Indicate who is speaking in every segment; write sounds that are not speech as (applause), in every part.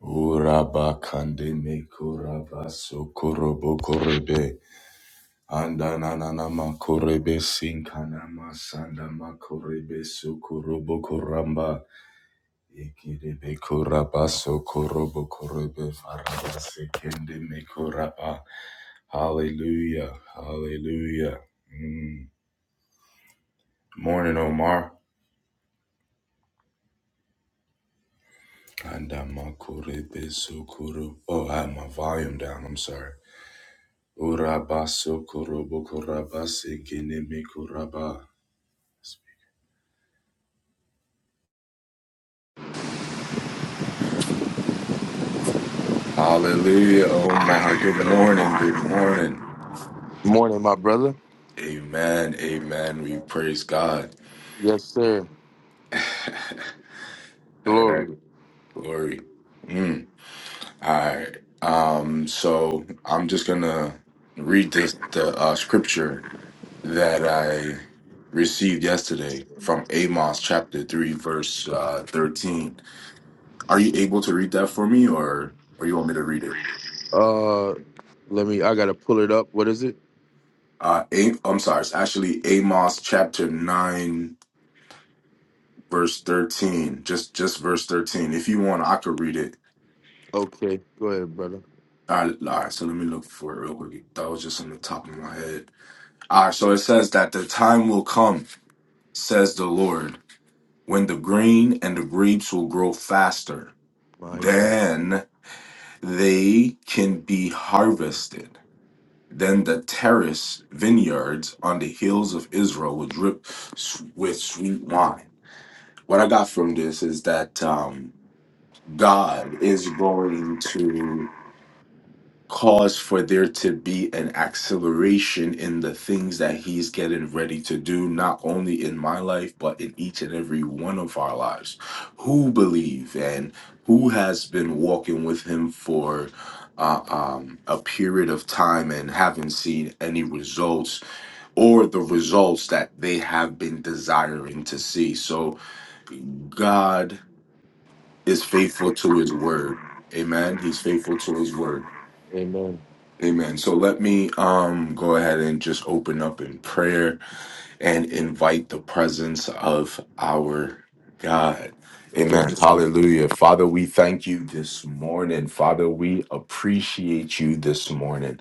Speaker 1: Uraba kande me kuraba so korobo korebe. Andanana ma korebe sinkana ma sanda ma korebe so korobo koramba. Ikirebe kuraba so korobo korebe faraba sekende me kuraba. Hallelujah, hallelujah. Mm. Morning, Omar. Andama korebe so koro. Oh, I had my volume down. I'm sorry. Urabaso korobo korabase keneme koraba. Hallelujah, Omar. Good morning. Good morning.
Speaker 2: Morning, my brother.
Speaker 1: Amen. Amen. We praise God.
Speaker 2: Yes, sir.
Speaker 1: (laughs) All right.
Speaker 2: Glory.
Speaker 1: Glory. Mm. All right. Um, so I'm just gonna read this the uh, scripture that I received yesterday from Amos chapter three, verse uh, thirteen. Are you able to read that for me or or you want me to read it?
Speaker 2: Uh, let me. I gotta pull it up. What is it?
Speaker 1: Uh, i am sorry. It's actually Amos chapter nine, verse thirteen. Just just verse thirteen. If you want, I could read it.
Speaker 2: Okay, go ahead, brother.
Speaker 1: All right, all right. So let me look for it real quick. That was just on the top of my head. All right. So it says that the time will come, says the Lord, when the grain and the grapes will grow faster.
Speaker 2: My God.
Speaker 1: Then they can be harvested. Then the terrace vineyards on the hills of Israel will drip s- with sweet wine. What I got from this is that um, God is going to cause for there to be an acceleration in the things that He's getting ready to do, not only in my life, but in each and every one of our lives. Who believe and who has been walking with Him for uh, um, a period of time and haven't seen any results or the results that they have been desiring to see. So, God is faithful to his word. Amen. He's faithful to his word.
Speaker 2: Amen.
Speaker 1: Amen. So let me um go ahead and just open up in prayer and invite the presence of our God.
Speaker 2: Yes,
Speaker 1: Amen.
Speaker 2: sir.
Speaker 1: Hallelujah. Father, we thank you this morning. Father, we appreciate you this morning.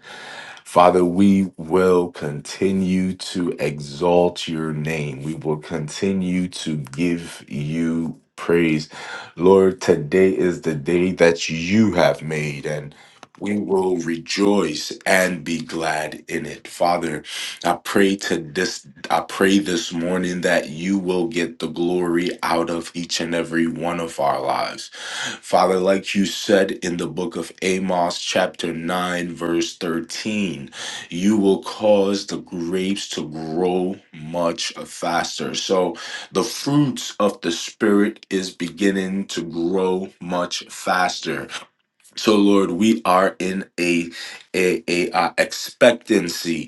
Speaker 1: Father, we will continue to exalt your name. We will continue to give you praise. Lord, today is the day that you have made, and we will rejoice and be glad in it. Father, I pray to this. I pray this morning that you will get the glory out of each and every one of our lives. Father, like you said in the book of Amos, chapter 9, verse 13, you will cause the grapes to grow much faster. So the fruits of the Spirit is beginning to grow much faster. So, Lord, we are in a, a, a, uh, expectancy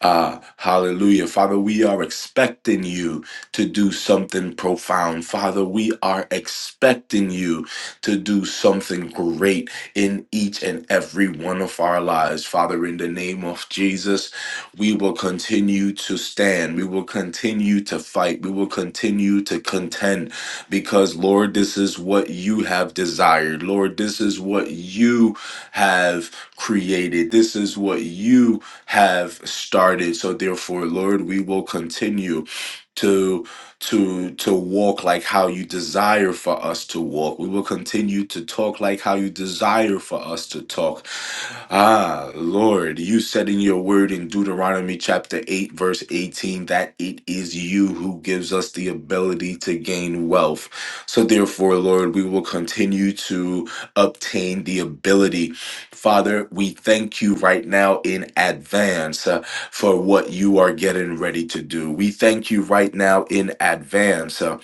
Speaker 1: Ah, hallelujah. Father, we are expecting you to do something profound. Father, we are expecting you to do something great in each and every one of our lives. Father, in the name of Jesus, we will continue to stand. We will continue to fight. We will continue to contend because, Lord, this is what you have desired. Lord, this is what you have created. This is what you have started. So therefore, Lord, we will continue to to to walk like how you desire for us to walk. We will continue to talk like how you desire for us to talk. Ah, Lord, you said in your word in Deuteronomy chapter 8 verse 18 that it is you who gives us the ability to gain wealth. So therefore, Lord, we will continue to obtain the ability Father, we thank you right now in advance uh, for what you are getting ready to do. We thank you right now in advance uh,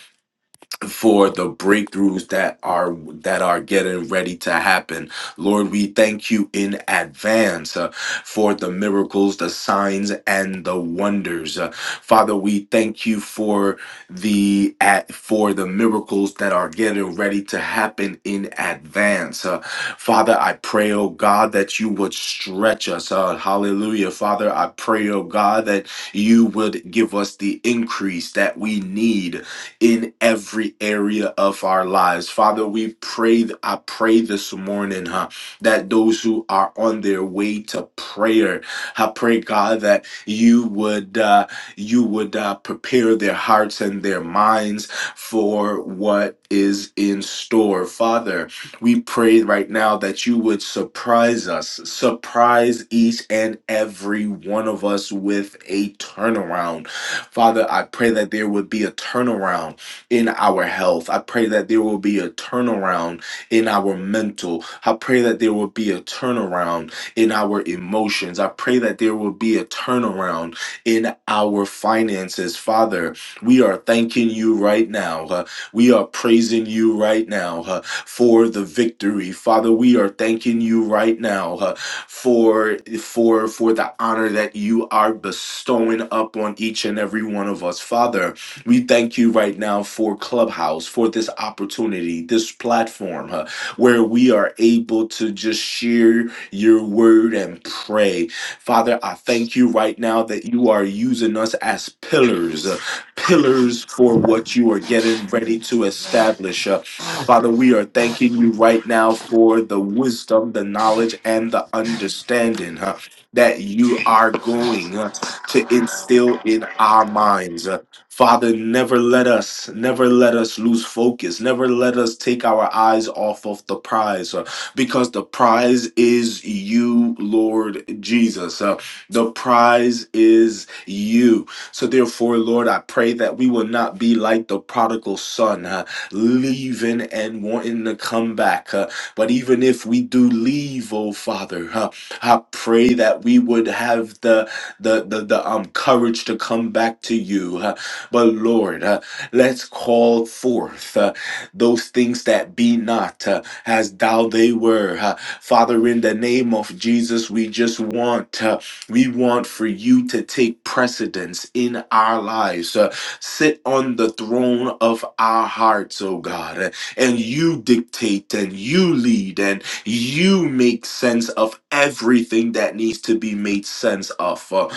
Speaker 1: for the breakthroughs that are that are getting ready to happen lord we thank you in advance uh, for the miracles the signs and the wonders Uh, father we thank you for the at for the miracles that are getting ready to happen in advance Uh, father i pray oh god that you would stretch us uh, hallelujah father i pray oh god that you would give us the increase that we need in every area of our lives. Father, we pray, I pray this morning, huh, that those who are on their way to prayer, I pray, God, that you would, uh, you would uh, prepare their hearts and their minds for what is in store. Father, we pray right now that you would surprise us, surprise each and every one of us with a turnaround. Father, I pray that there would be a turnaround in our health. I pray that there will be a turnaround in our mental. I pray that there will be a turnaround in our emotions. I pray that there will be a turnaround in our finances. Father, we are thanking you right now. Uh, we are praising you right now uh, for the victory. Father, we are thanking you right now uh, for for for the honor that you are bestowing up on each and every one of us. Father, we thank you right now for Clubhouse, for this opportunity, this platform huh, where we are able to just share your word and pray. Father, I thank you right now that you are using us as pillars, uh, pillars for what you are getting ready to establish. uh, Father, we are thanking you right now for the wisdom, the knowledge, and the understanding huh, that you are going huh, to instill in our minds. uh. Father, never let us, never let us lose focus. Never let us take our eyes off of the prize uh, because the prize is you, Lord Jesus. Uh, the prize is you. So, therefore, Lord, I pray that we will not be like the prodigal son, uh, leaving and wanting to come back. uh, but even if we do leave, oh Father, uh, I pray that we would have the the the, the um courage to come back to you. uh, but Lord, uh, let's call forth uh, those things that be not uh, as thou they were. Uh, Father, in the name of Jesus, we just want, uh, we want for you to take precedence in our lives. Uh, sit on the throne of our hearts, oh God, uh, and you dictate and you lead and you make sense of everything that needs to be made sense of. Uh,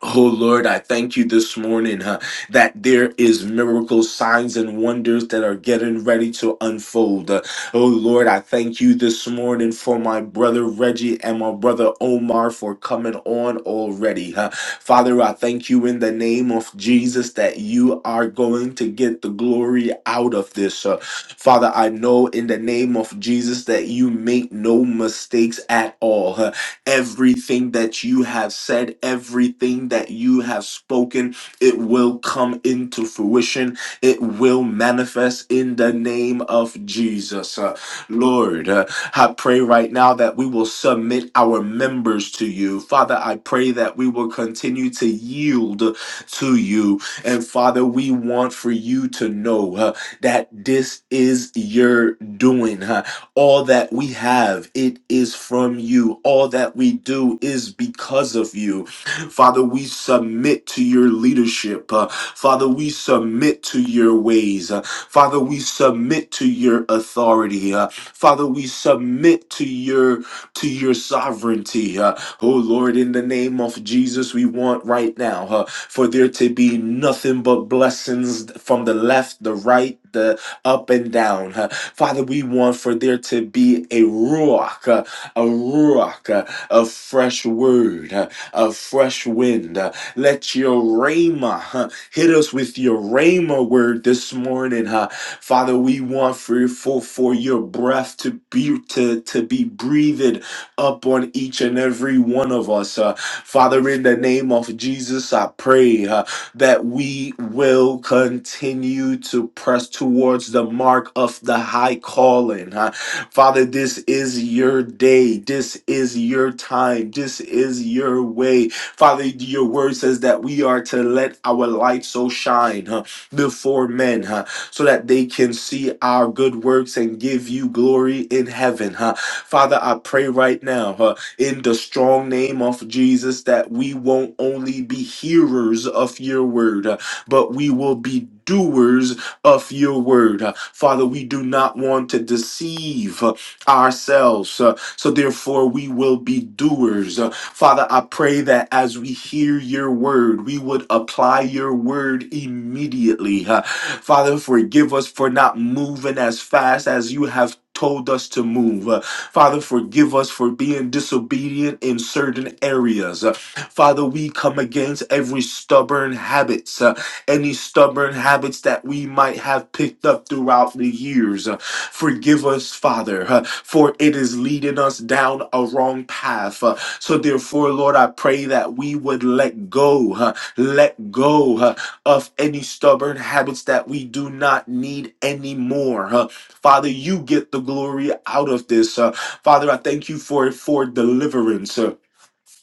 Speaker 1: Oh Lord, I thank you this morning huh, that there is miracles, signs, and wonders that are getting ready to unfold. Uh, oh Lord, I thank you this morning for my brother Reggie and my brother Omar for coming on already. huh. Father, I thank you in the name of Jesus that you are going to get the glory out of this. uh. Father, I know in the name of Jesus that you make no mistakes at all. huh. Everything that you have said, everything that you have spoken, it will come into fruition. It will manifest in the name of Jesus. Uh, Lord, uh, I pray right now that we will submit our members to you. Father, I pray that we will continue to yield to you. And Father, we want for you to know uh, that this is your doing. Uh, all that we have, it is from you. All that we do is because of you. Father, we submit to your leadership. Uh, Father, we submit to your ways. Uh, Father, we submit to your authority. Uh, Father, we submit to your to your sovereignty. Uh, oh Lord, in the name of Jesus, we want right now uh, for there to be nothing but blessings from the left, the right, the up and down. Uh, Father, we want for there to be a ruach, uh, a ruach, uh, a fresh word, uh, a fresh wind. Uh, Let your rhema huh, hit us with your rhema word this morning. huh. Father, we want for, for, for your breath to be to, to be breathed up on each and every one of us. uh. Father, in the name of Jesus, I pray. huh, that we will continue to press towards the mark of the high calling. huh? Father, this is your day. This is your time. This is your way. Father, your word says that we are to let our light so shine huh, before men huh, so that they can see our good works and give you glory in heaven. huh? Father, I pray right now. huh, in the strong name of Jesus that we won't only be hearers of your word, uh, but we will be doers of your word. Uh, Father, we do not want to deceive uh, ourselves. uh, So therefore, we will be doers. Father, I pray that as we hear your word, we would apply your word immediately. huh? Father, forgive us for not moving as fast as you have told us to move. Uh, Father, forgive us for being disobedient in certain areas. Uh, Father, we come against every stubborn habits, uh, any stubborn habits that we might have picked up throughout the years. Uh, Forgive us, Father, uh, for it is leading us down a wrong path. So therefore, Lord, I pray that we would let go, huh, let go huh, of any stubborn habits that we do not need anymore. huh. Father, you get the glory out of this. huh. Father, I thank you for for deliverance. huh.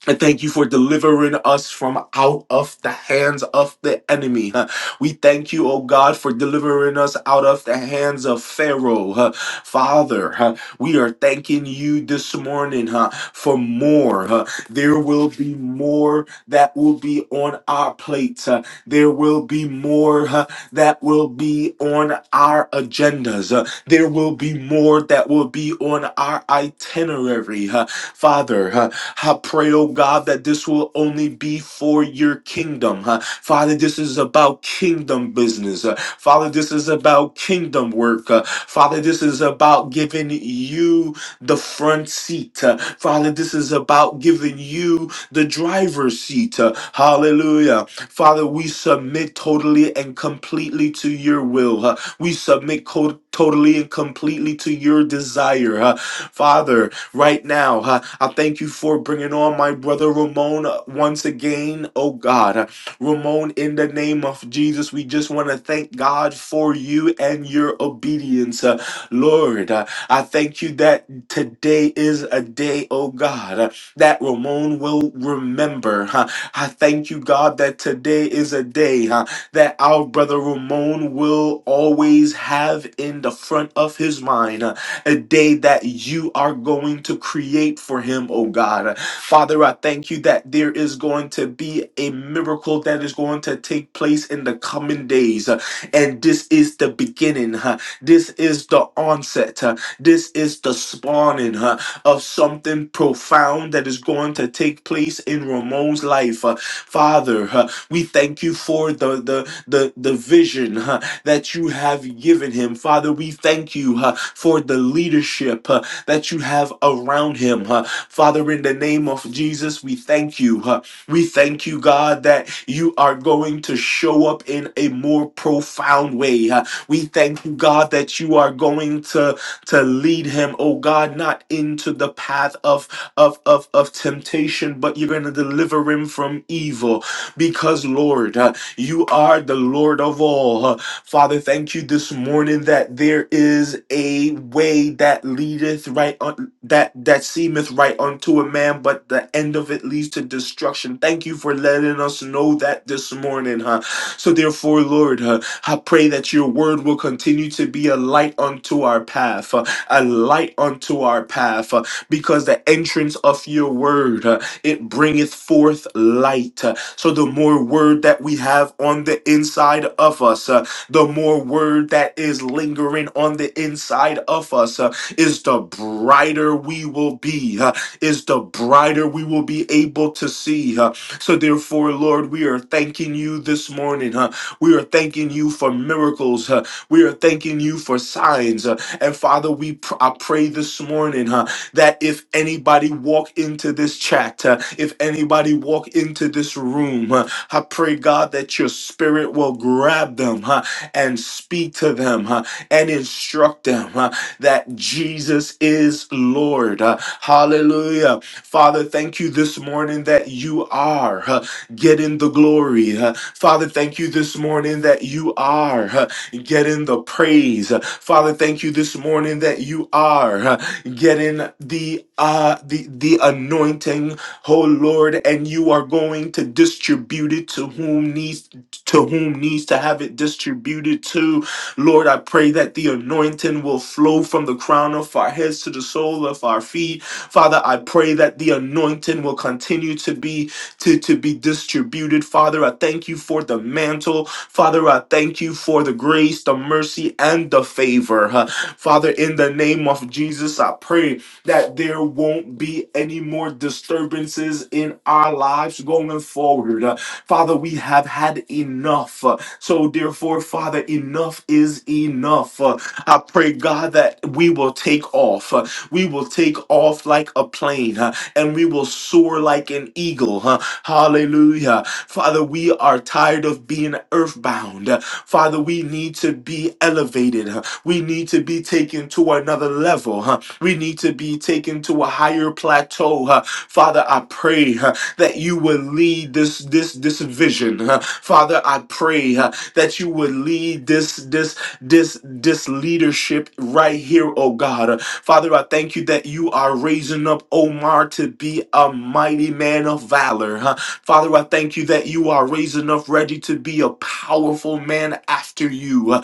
Speaker 1: I thank you for delivering us from out of the hands of the enemy. Uh, We thank you, oh God, for delivering us out of the hands of Pharaoh. Uh, Father, uh, we are thanking you this morning uh, for more. Uh, There will be more that will be on our plates. Uh, There will be more uh, that will be on our agendas. Uh, There will be more that will be on our itinerary. Uh, Father, huh, I pray, oh God, that this will only be for your kingdom. huh? Father, this is about kingdom business. uh, Father, this is about kingdom work. uh, Father, this is about giving you the front seat. uh, Father, this is about giving you the driver's seat. uh, Hallelujah. Father, we submit totally and completely to your will. huh? We submit co- totally and completely to your desire. huh? Father, right now. Uh, I thank you for bringing on my brother Ramon uh, once again, oh God. Uh, Ramon, in the name of Jesus, we just want to thank God for you and your obedience. Uh, Lord, uh, I thank you that today is a day, oh God, uh, that Ramon will remember. huh. I thank you, God, that today is a day huh, that our brother Ramon will always have in the front of his mind a day that you are going to create for him, oh God. Father, I thank you that there is going to be a miracle that is going to take place in the coming days. And this is the beginning. huh? This is the onset. huh? This is the spawning huh, of something profound that is going to take place in Ramon's life. huh. Father, huh, we thank you for the the the, the vision. huh, that you have given him. Father, we thank you uh, for the leadership uh, that you have around him. uh. Father, in the name of Jesus, we thank you. uh, we thank you, God, that you are going to show up in a more profound way. uh. we thank you, God, that you are going to, to lead him, oh God, not into the path of, of, of, of temptation, but you're going to deliver him from evil because, Lord, uh, you are the Lord of all. Uh, Father, thank you this morning that there is a way that leadeth right on that that seemeth right unto a man, but the end of it leads to destruction. Thank you for letting us know that this morning, huh? So therefore, Lord, uh, I pray that your word will continue to be a light unto our path, uh, a light unto our path, uh, because the entrance of your word uh, it bringeth forth light. huh? So the more word that we have on the inside of us, uh, the more word that is lingering on the inside of us, uh, is the brighter we will be, uh, is the brighter we will be able to see. uh. So therefore, Lord, we are thanking you this morning. uh, we are thanking you for miracles. uh, we are thanking you for signs. uh, and Father, we pr- I pray this morning. huh, that if anybody walk into this chat, uh, if anybody walk into this room, uh, I pray God that your spirit will grab them huh, and speak to them huh, and instruct them huh, that Jesus is Lord. Uh, hallelujah. Father, thank you this morning that you are uh, getting the glory. uh, Father, thank you this morning that you are uh, getting the praise. Uh, Father, thank you this morning that you are. uh, getting the uh the the anointing, oh Lord, and you are going to distribute it to whom needs to whom needs to have it distributed to. Lord, I pray that the anointing will flow from the crown of our heads to the sole of our feet. Father, I pray that the anointing will continue to be to, to be distributed. Father, I thank you for the mantle. Father, I thank you for the grace, the mercy, and the favor. Uh, Father, in the name of Jesus, I pray that there won't be any more disturbances in our lives going forward. Uh, Father, we have had enough. Uh, So, therefore, Father, enough is enough. Uh, I pray, God, that we will take off. Uh, We will take off like a plane uh, and we will soar like an eagle. huh? Hallelujah. Father, we are tired of being earthbound. Father, we need to be elevated. We need to be taken to another level. huh? We need to be taken to a higher plateau. huh? Father, I pray huh, that you will lead this this this vision. huh? Father, I pray huh, that you would lead this this this this leadership right here, oh God. Uh, Father, I thank you that you are raising up Omar to be a mighty man of valor. huh? Father, I thank you that you are raising up Reggie to be a powerful man after you. huh?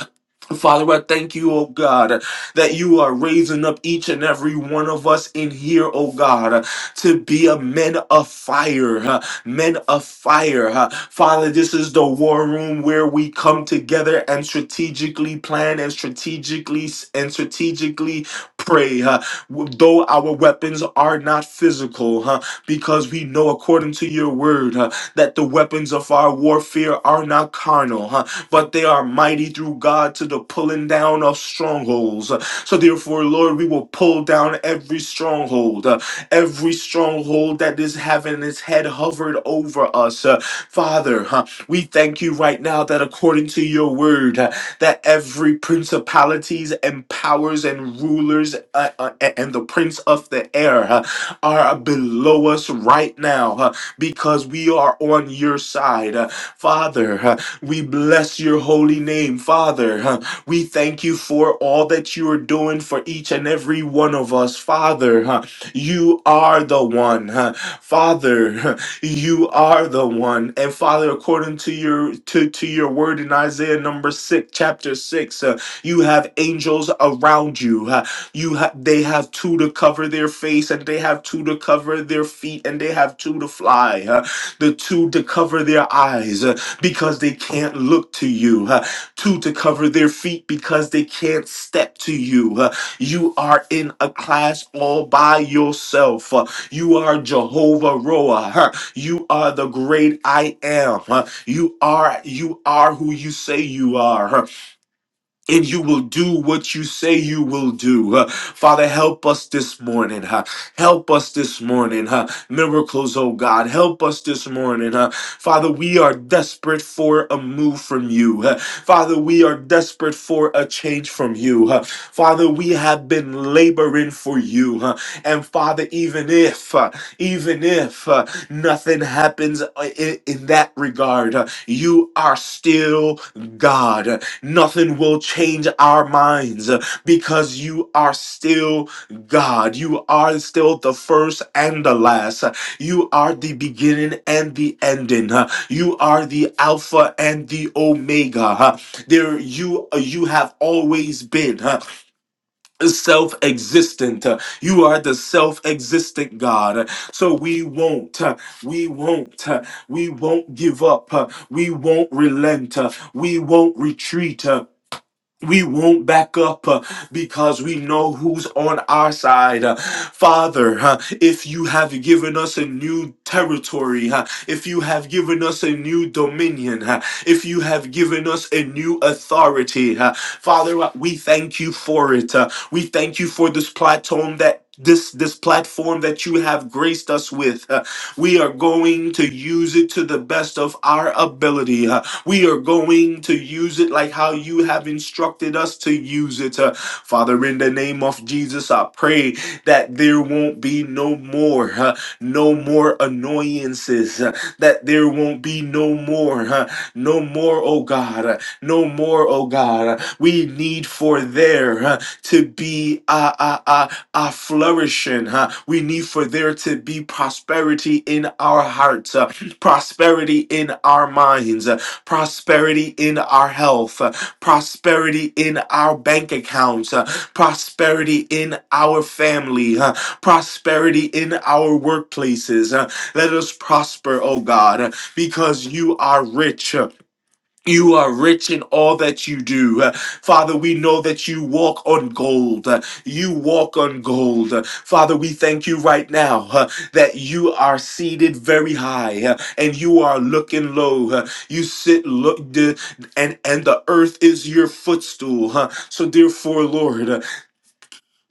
Speaker 1: Father, I thank you, oh God, that you are raising up each and every one of us in here, oh God, to be a men of fire, huh, men of fire. huh. Father, this is the war room where we come together and strategically plan and strategically and strategically pray. huh. Though our weapons are not physical, huh, because we know according to your word huh, that the weapons of our warfare are not carnal, huh, but they are mighty through God to the pulling down of strongholds. So therefore, Lord, we will pull down every stronghold, uh, every stronghold that is having its head hovered over us. Uh, Father, huh, we thank you right now that according to your word, uh, that every principalities and powers and rulers uh, uh, a- and the prince of the air uh, are below us right now uh, because we are on your side. Uh, Father, we bless your holy name, Father. Huh. We thank you for all that you are doing for each and every one of us, Father. huh. You are the one, huh. Father. huh, You are the one, and Father, according to your to to your word in Isaiah number six, chapter six, uh, you have angels around you. huh. You ha- they have two to cover their face, and they have two to cover their feet, and they have two to fly. huh the two to cover their eyes. huh? because they can't look to you. Uh, two, to cover their feet because they can't step to you. Uh, you are in a class all by yourself. Uh, you are Jehovah Roa. You are the great I am. Uh, you are you are who you say you are. huh? and you will do what you say you will do. Uh, Father, help us this morning. huh? Help us this morning. huh? Miracles, oh God, help us this morning. huh? Father, we are desperate for a move from you. huh? Father, we are desperate for a change from you. huh? Father, we have been laboring for you. huh? And Father, even if, uh, even if uh, nothing happens uh, in, in that regard, uh, you are still God. Nothing will change our minds uh, because you are still God. You are still the first and the last. Uh, You are the beginning and the ending. Uh, You are the Alpha and the Omega. Uh, There you you have always been uh, self-existent. Uh, You are the self-existent God. Uh, So we won't, uh, we won't, uh, we won't give up. Uh, We won't relent. Uh, We won't retreat. Uh, we won't back up uh, because we know who's on our side. Uh, Father, uh, if you have given us a new territory, uh, if you have given us a new dominion, uh, if you have given us a new authority, uh, Father, uh, we thank you for it. Uh, we thank you for this platform that this this platform that you have graced us with Uh, we are going to use it to the best of our ability uh, we are going to use it like how you have instructed us to use it. Uh, Father, in the name of Jesus, I pray that there won't be no more, uh, no more annoyances, uh, that there won't be no more, uh, no more, oh God, uh, no more, oh God. Uh, we need for there uh, to be a, a, a, a flourishing. huh? We need for there to be prosperity in our hearts, uh, prosperity in our minds, uh, prosperity in our health, uh, prosperity in our bank accounts, uh, prosperity in our family, uh, prosperity in our workplaces. uh, Let us prosper, oh God, uh, because you are rich. You are rich in all that you do. Uh, Father, we know that you walk on gold. Uh, You walk on gold. Uh, Father, we thank you right now uh, that you are seated very high uh, and you are looking low. Uh, You sit look d- and and the earth is your footstool. huh? So therefore, Lord,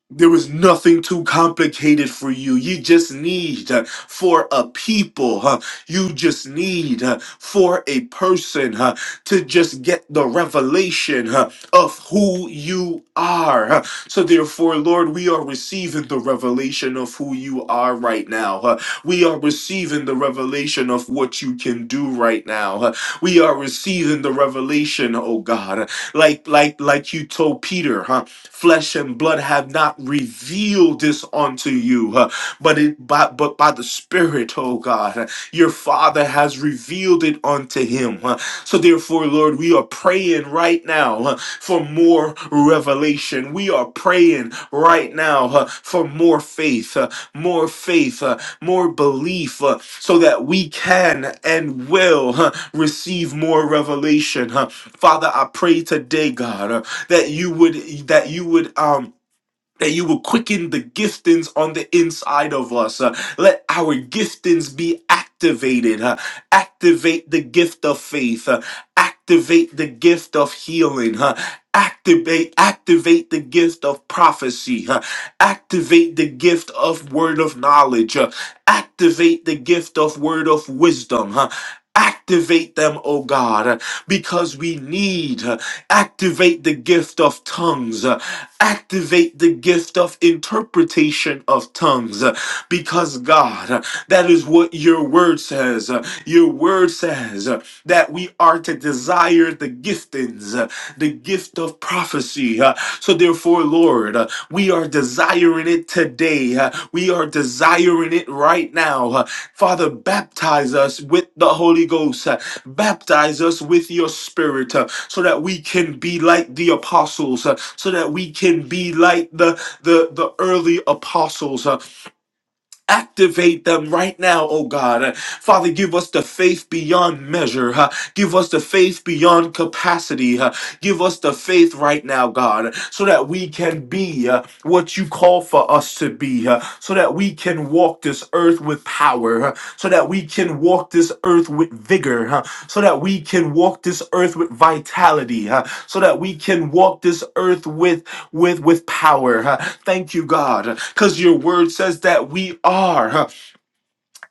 Speaker 1: there is nothing too complicated for you. You just need uh, for a people. huh? You just need uh, for a person huh, to just get the revelation huh, of who you are. huh? So, therefore, Lord, we are receiving the revelation of who you are right now. huh? We are receiving the revelation of what you can do right now. huh? We are receiving the revelation, oh God, like like like you told Peter, huh? flesh and blood have not revealed this unto you, uh, but it by, but by the Spirit, oh God, uh, your Father has revealed it unto him. uh. So therefore, Lord, we are praying right now uh, for more revelation. We are praying right now uh, for more faith, uh, more faith, uh, more belief, uh, so that we can and will uh, receive more revelation. uh. Father, I pray today, God. uh, that you would that you would um that you would quicken the giftings on the inside of us. Uh, let our giftings be activated. Uh, activate the gift of faith. Uh, activate the gift of healing. Uh, activate activate the gift of prophecy. Uh, activate the gift of word of knowledge. Uh, activate the gift of word of wisdom. Huh? Activate them, oh God, because we need. Activate the gift of tongues. Activate the gift of interpretation of tongues. Because, God, that is what your word says. Your word says that we are to desire the giftings, the gift of prophecy. So, therefore, Lord, we are desiring it today. Uh, We are desiring it right now. Uh, Father, baptize us with the Holy Ghost. Uh, Baptize us with your spirit uh, so that we can be like the apostles, uh, so that we can be like the, the, the early apostles. uh, Activate them right now, oh God. Uh, Father, give us the faith beyond measure. huh? Give us the faith beyond capacity. huh? Give us the faith right now, God, so that we can be uh, what you call for us to be, uh, so that we can walk this earth with power, uh, so that we can walk this earth with vigor, uh, so that we can walk this earth with vitality, uh, so that we can walk this earth with with with power. huh? Thank you, God, because your word says that we are. huh?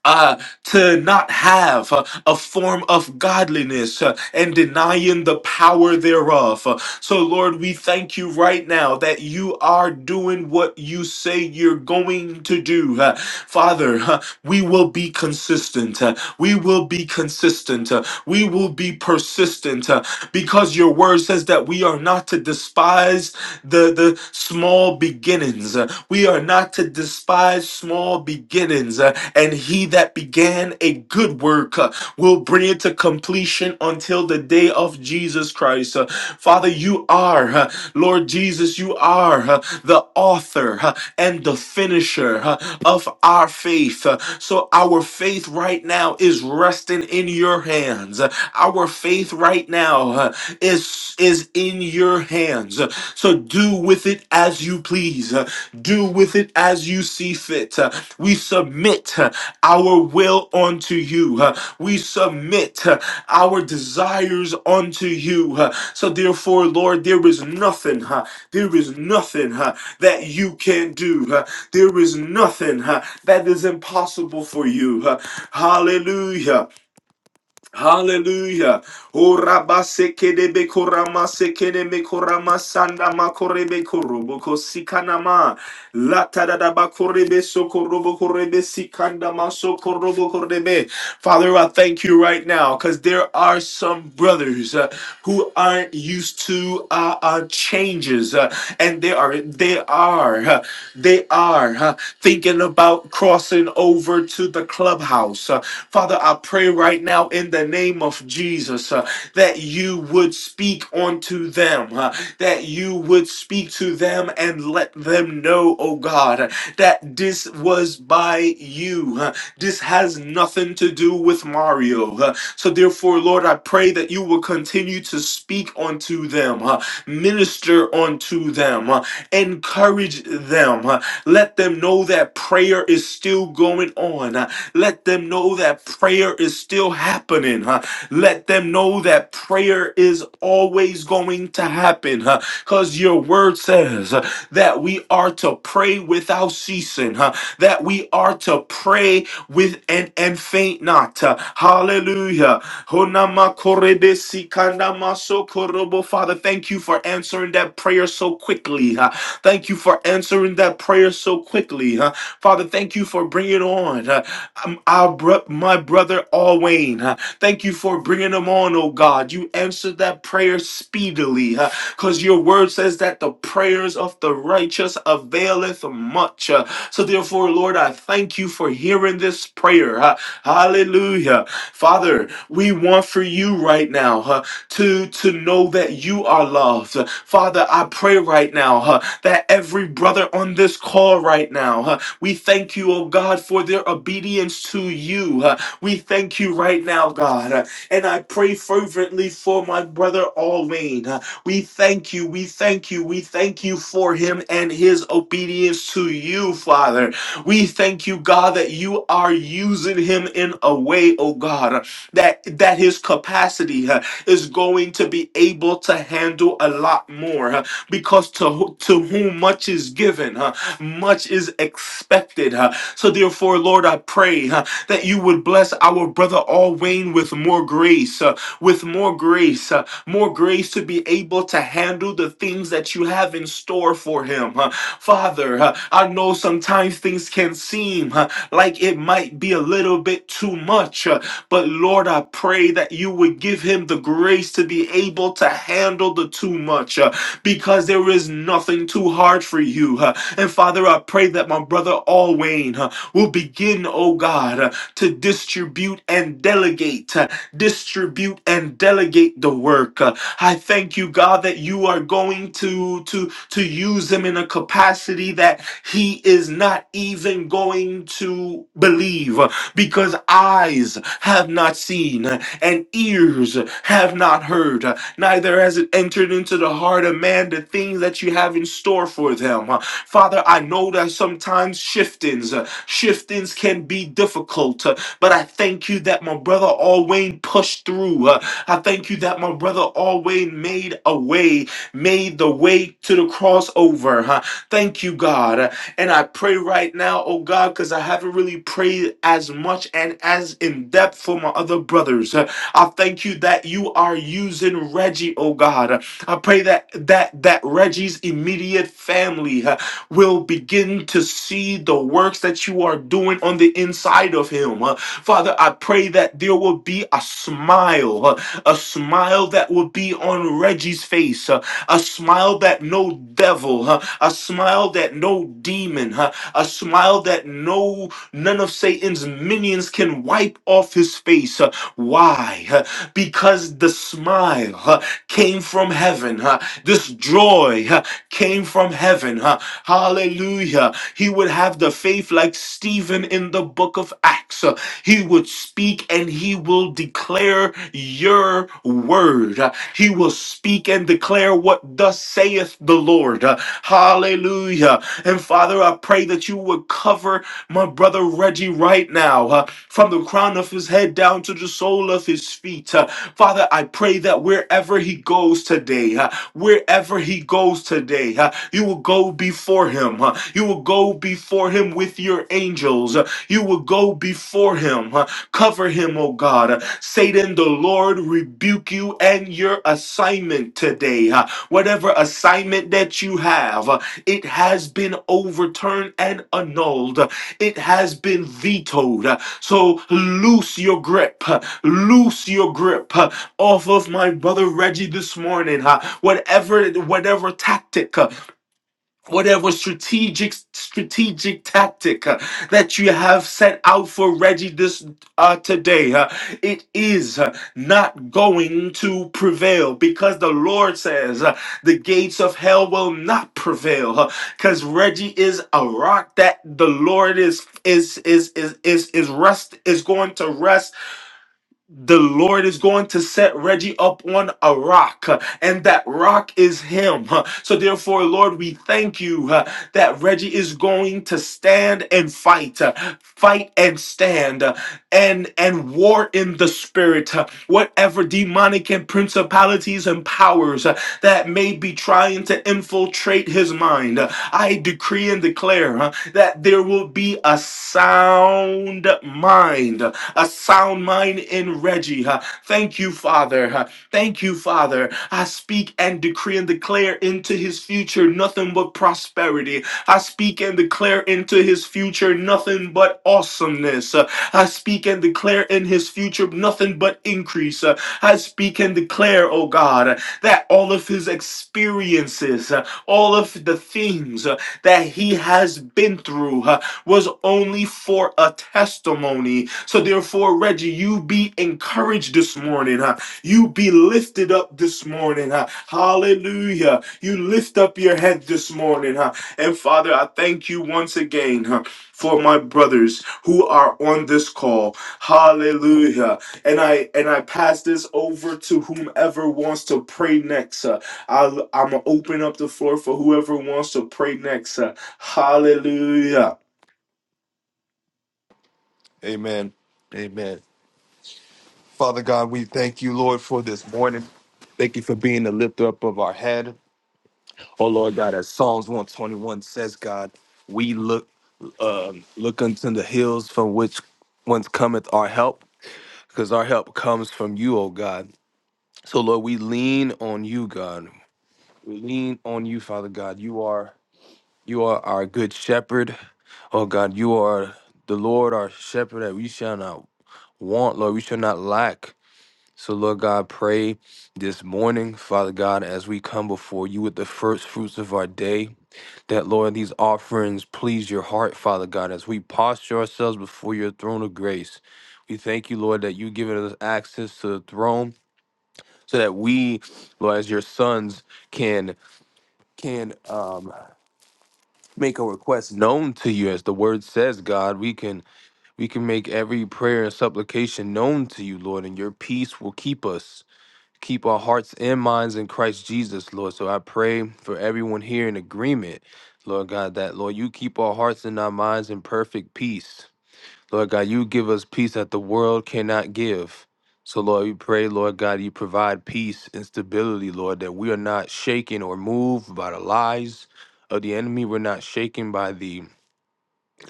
Speaker 1: uh, to not have uh, a form of godliness uh, and denying the power thereof. Uh, So, Lord, we thank you right now that you are doing what you say you're going to do. Uh, Father, uh, we will be consistent. Uh, We will be consistent. Uh, We will be persistent uh, because your word says that we are not to despise the, the small beginnings. Uh, We are not to despise small beginnings. Uh, And he that began a good work uh, will bring it to completion until the day of Jesus Christ. Uh, Father, you are, uh, Lord Jesus, you are. uh, uh, the author uh, and the finisher uh, of our faith. Uh, So our faith right now is resting in your hands. Uh, Our faith right now uh, is is in your hands. Uh, So do with it as you please. Uh, Do with it as you see fit. Uh, We submit uh, our will unto you. Uh, We submit uh, our desires unto you. Uh, So therefore, Lord, there is nothing. uh, there is nothing huh, that you can do. huh. There is nothing huh, that is impossible for you. huh. Hallelujah. Hallelujah. O rabasekedebe koramasekedebe koramasanda makorebe koroboko sikanama. Latadadaba korebe sokorobo korebe sikanda maso korobo korebe. Father, I thank you right now because there are some brothers uh, who aren't used to uh, uh, changes, uh, and they are they are uh, they they are huh, thinking about crossing over to the clubhouse. Uh, Father, I pray right now in the name of Jesus uh, that you would speak unto them, uh, that you would speak to them and let them know, oh God, uh, that this was by you. uh, this has nothing to do with Mario. uh, so therefore, Lord, I pray that you will continue to speak unto them, uh, minister unto them, uh, encourage them. uh, let them know that prayer is still going on. Uh, Let them know that prayer is still happening. huh? Let them know that prayer is always going to happen. Because your word says uh, that we are to pray without ceasing, huh? that we are to pray with and, and faint not. Uh, Hallelujah. Honama korebe sikanda maso korobo. Father, thank you for answering that prayer so quickly. huh? Thank you for answering that prayer so quickly. huh? Father, thank you for bringing on huh, um, our bro- my brother Alwayne. huh? Thank you for bringing him on, oh God. You answered that prayer speedily because your word says that the prayers of the righteous availeth much. huh? So therefore, Lord, I thank you for hearing this prayer. huh? Hallelujah. Father, we want for you right now huh, to, to know that you are loved. Father, I pray right now huh, that every brother on this call right now, huh, we thank you, oh God, for their obedience to you. huh. We thank you right now, God. uh, And I pray fervently for my brother Alwyn. uh, We thank you, we thank you, we thank you for him and his obedience to you, Father. We thank you, God, that you are using him in a way, oh God, that that his capacity uh, is going to be able to handle a lot more uh, because to who- to whom much is given, uh, much is expected. uh. So therefore, Lord, I pray uh, that you would bless our brother All with more grace, uh, with more grace. uh, more grace to be able to handle the things that you have in store for him. Uh, Father, uh, I know sometimes things can seem uh, like it might be a little bit too much, uh, but Lord, I pray that you would give him the grace to be able to handle the too much uh, because there is nothing too hard for you. uh, And Father, I pray that my brother Alwayne uh, will begin, oh God, uh, to distribute and delegate. huh, distribute and delegate the work. Uh, I thank you, God, that you are going to to to use him in a capacity that he is not even going to believe, uh, because eyes have not seen uh, and ears have not heard, uh, neither has it entered into the heart of man the things that you have in store for them. Uh, Father, I know that sometimes shiftings, uh, shiftings can be difficult. But I thank you that my brother Alwayne pushed through. Uh, I thank you that my brother Alwayne made a way, made the way to the crossover. Huh? Thank you, God. Uh, And I pray right now, oh God, because I haven't really prayed as much and as in depth for my other brothers. Uh, I thank you that you are using Reggie, oh God. Uh, I pray that that that Reggie's immediate family. huh, will begin to see the works that you are doing on the inside of him. Uh, Father, I pray that there will be a smile, uh, a smile that will be on Reggie's face, uh, a smile that no devil, uh, a smile that no demon, uh, a smile that no none of Satan's minions can wipe off his face. Uh, Why? Uh, Because the smile uh, came from heaven. uh, This joy, uh, came from heaven. huh? Hallelujah. He would have the faith like Stephen in the book of Acts. Uh, He would speak and he will declare your word. Uh, He will speak and declare what thus saith the Lord. Uh, Hallelujah. And Father, I pray that you would cover my brother Reggie right now, uh, from the crown of his head down to the sole of his feet. Uh, Father, I pray that wherever he goes today, huh, wherever he goes today. huh, You will go before him. huh, You will go before him with your angels. uh, You will go before him. huh, Cover him, O God. Uh, Satan, the Lord rebuke you and your assignment today. huh. Whatever assignment that you have, uh, it has been overturned and annulled. Uh, It has been vetoed. huh. So loose your grip, loose your grip off of my brother Reggie this morning. huh? Whatever, whatever tactic, huh? whatever strategic strategic tactic uh, that you have set out for Reggie this uh, today uh, it is uh, not going to prevail because the Lord says uh, the gates of hell will not prevail because Reggie is a rock that the Lord is is is is is is rest is going to rest the Lord is going to set Reggie up on a rock, uh, and that rock is Him. Uh, So, therefore, Lord, we thank you uh, that Reggie is going to stand and fight, uh, fight and stand, uh, and and war in the spirit. uh, Whatever demonic and principalities and powers uh, that may be trying to infiltrate his mind, uh, I decree and declare. uh, huh, that there will be a sound mind, a sound mind in Reggie. huh. Thank you, Father. huh. Thank you, Father. I speak and decree and declare into his future nothing but prosperity. I speak and declare into his future nothing but awesomeness. Uh, I speak and declare in his future nothing but increase. Uh, I speak and declare, oh God, that all of his experiences, uh, all of the things, that he has been through uh, was only for a testimony. So, therefore, Reggie, you be encouraged this morning. huh? You be lifted up this morning. huh? Hallelujah. You lift up your head this morning. huh? And, Father, I thank you once again huh, for my brothers who are on this call. Hallelujah. And I and I pass this over to whomever wants to pray next. huh. I'll, I'm going to open up the floor for whoever wants to pray next. Uh, hallelujah.
Speaker 3: Amen. Amen. Father God, we thank you, Lord, for this morning. Thank you for being the lifter up of our head. Oh Lord God, as Psalms 121 says, God, we look um look unto the hills from which whence cometh our help, because our help comes from you, oh God. So Lord, we lean on you, God. We lean on you, Father God. You are you are our good shepherd. Oh God, you are the Lord our shepherd that we shall not want, Lord. We shall not lack. So, Lord God, pray this morning, Father God, as we come before you with the first fruits of our day, that, Lord, these offerings please your heart, Father God, as we posture ourselves before your throne of grace. We thank you, Lord, that you've given us access to the throne so that we, Lord, as your sons, can can um, make a request known to you as the word says god we can we can make every prayer and supplication known to you lord and your peace will keep us keep our hearts and minds in Christ Jesus, Lord. So I pray for everyone here in agreement, Lord God, that, Lord, you keep our hearts and our minds in perfect peace. Lord God, you give us peace that the world cannot give. So, Lord, we pray, Lord God, you provide peace and stability, Lord, that we are not shaken or moved by the lies of the enemy. We're not shaken by the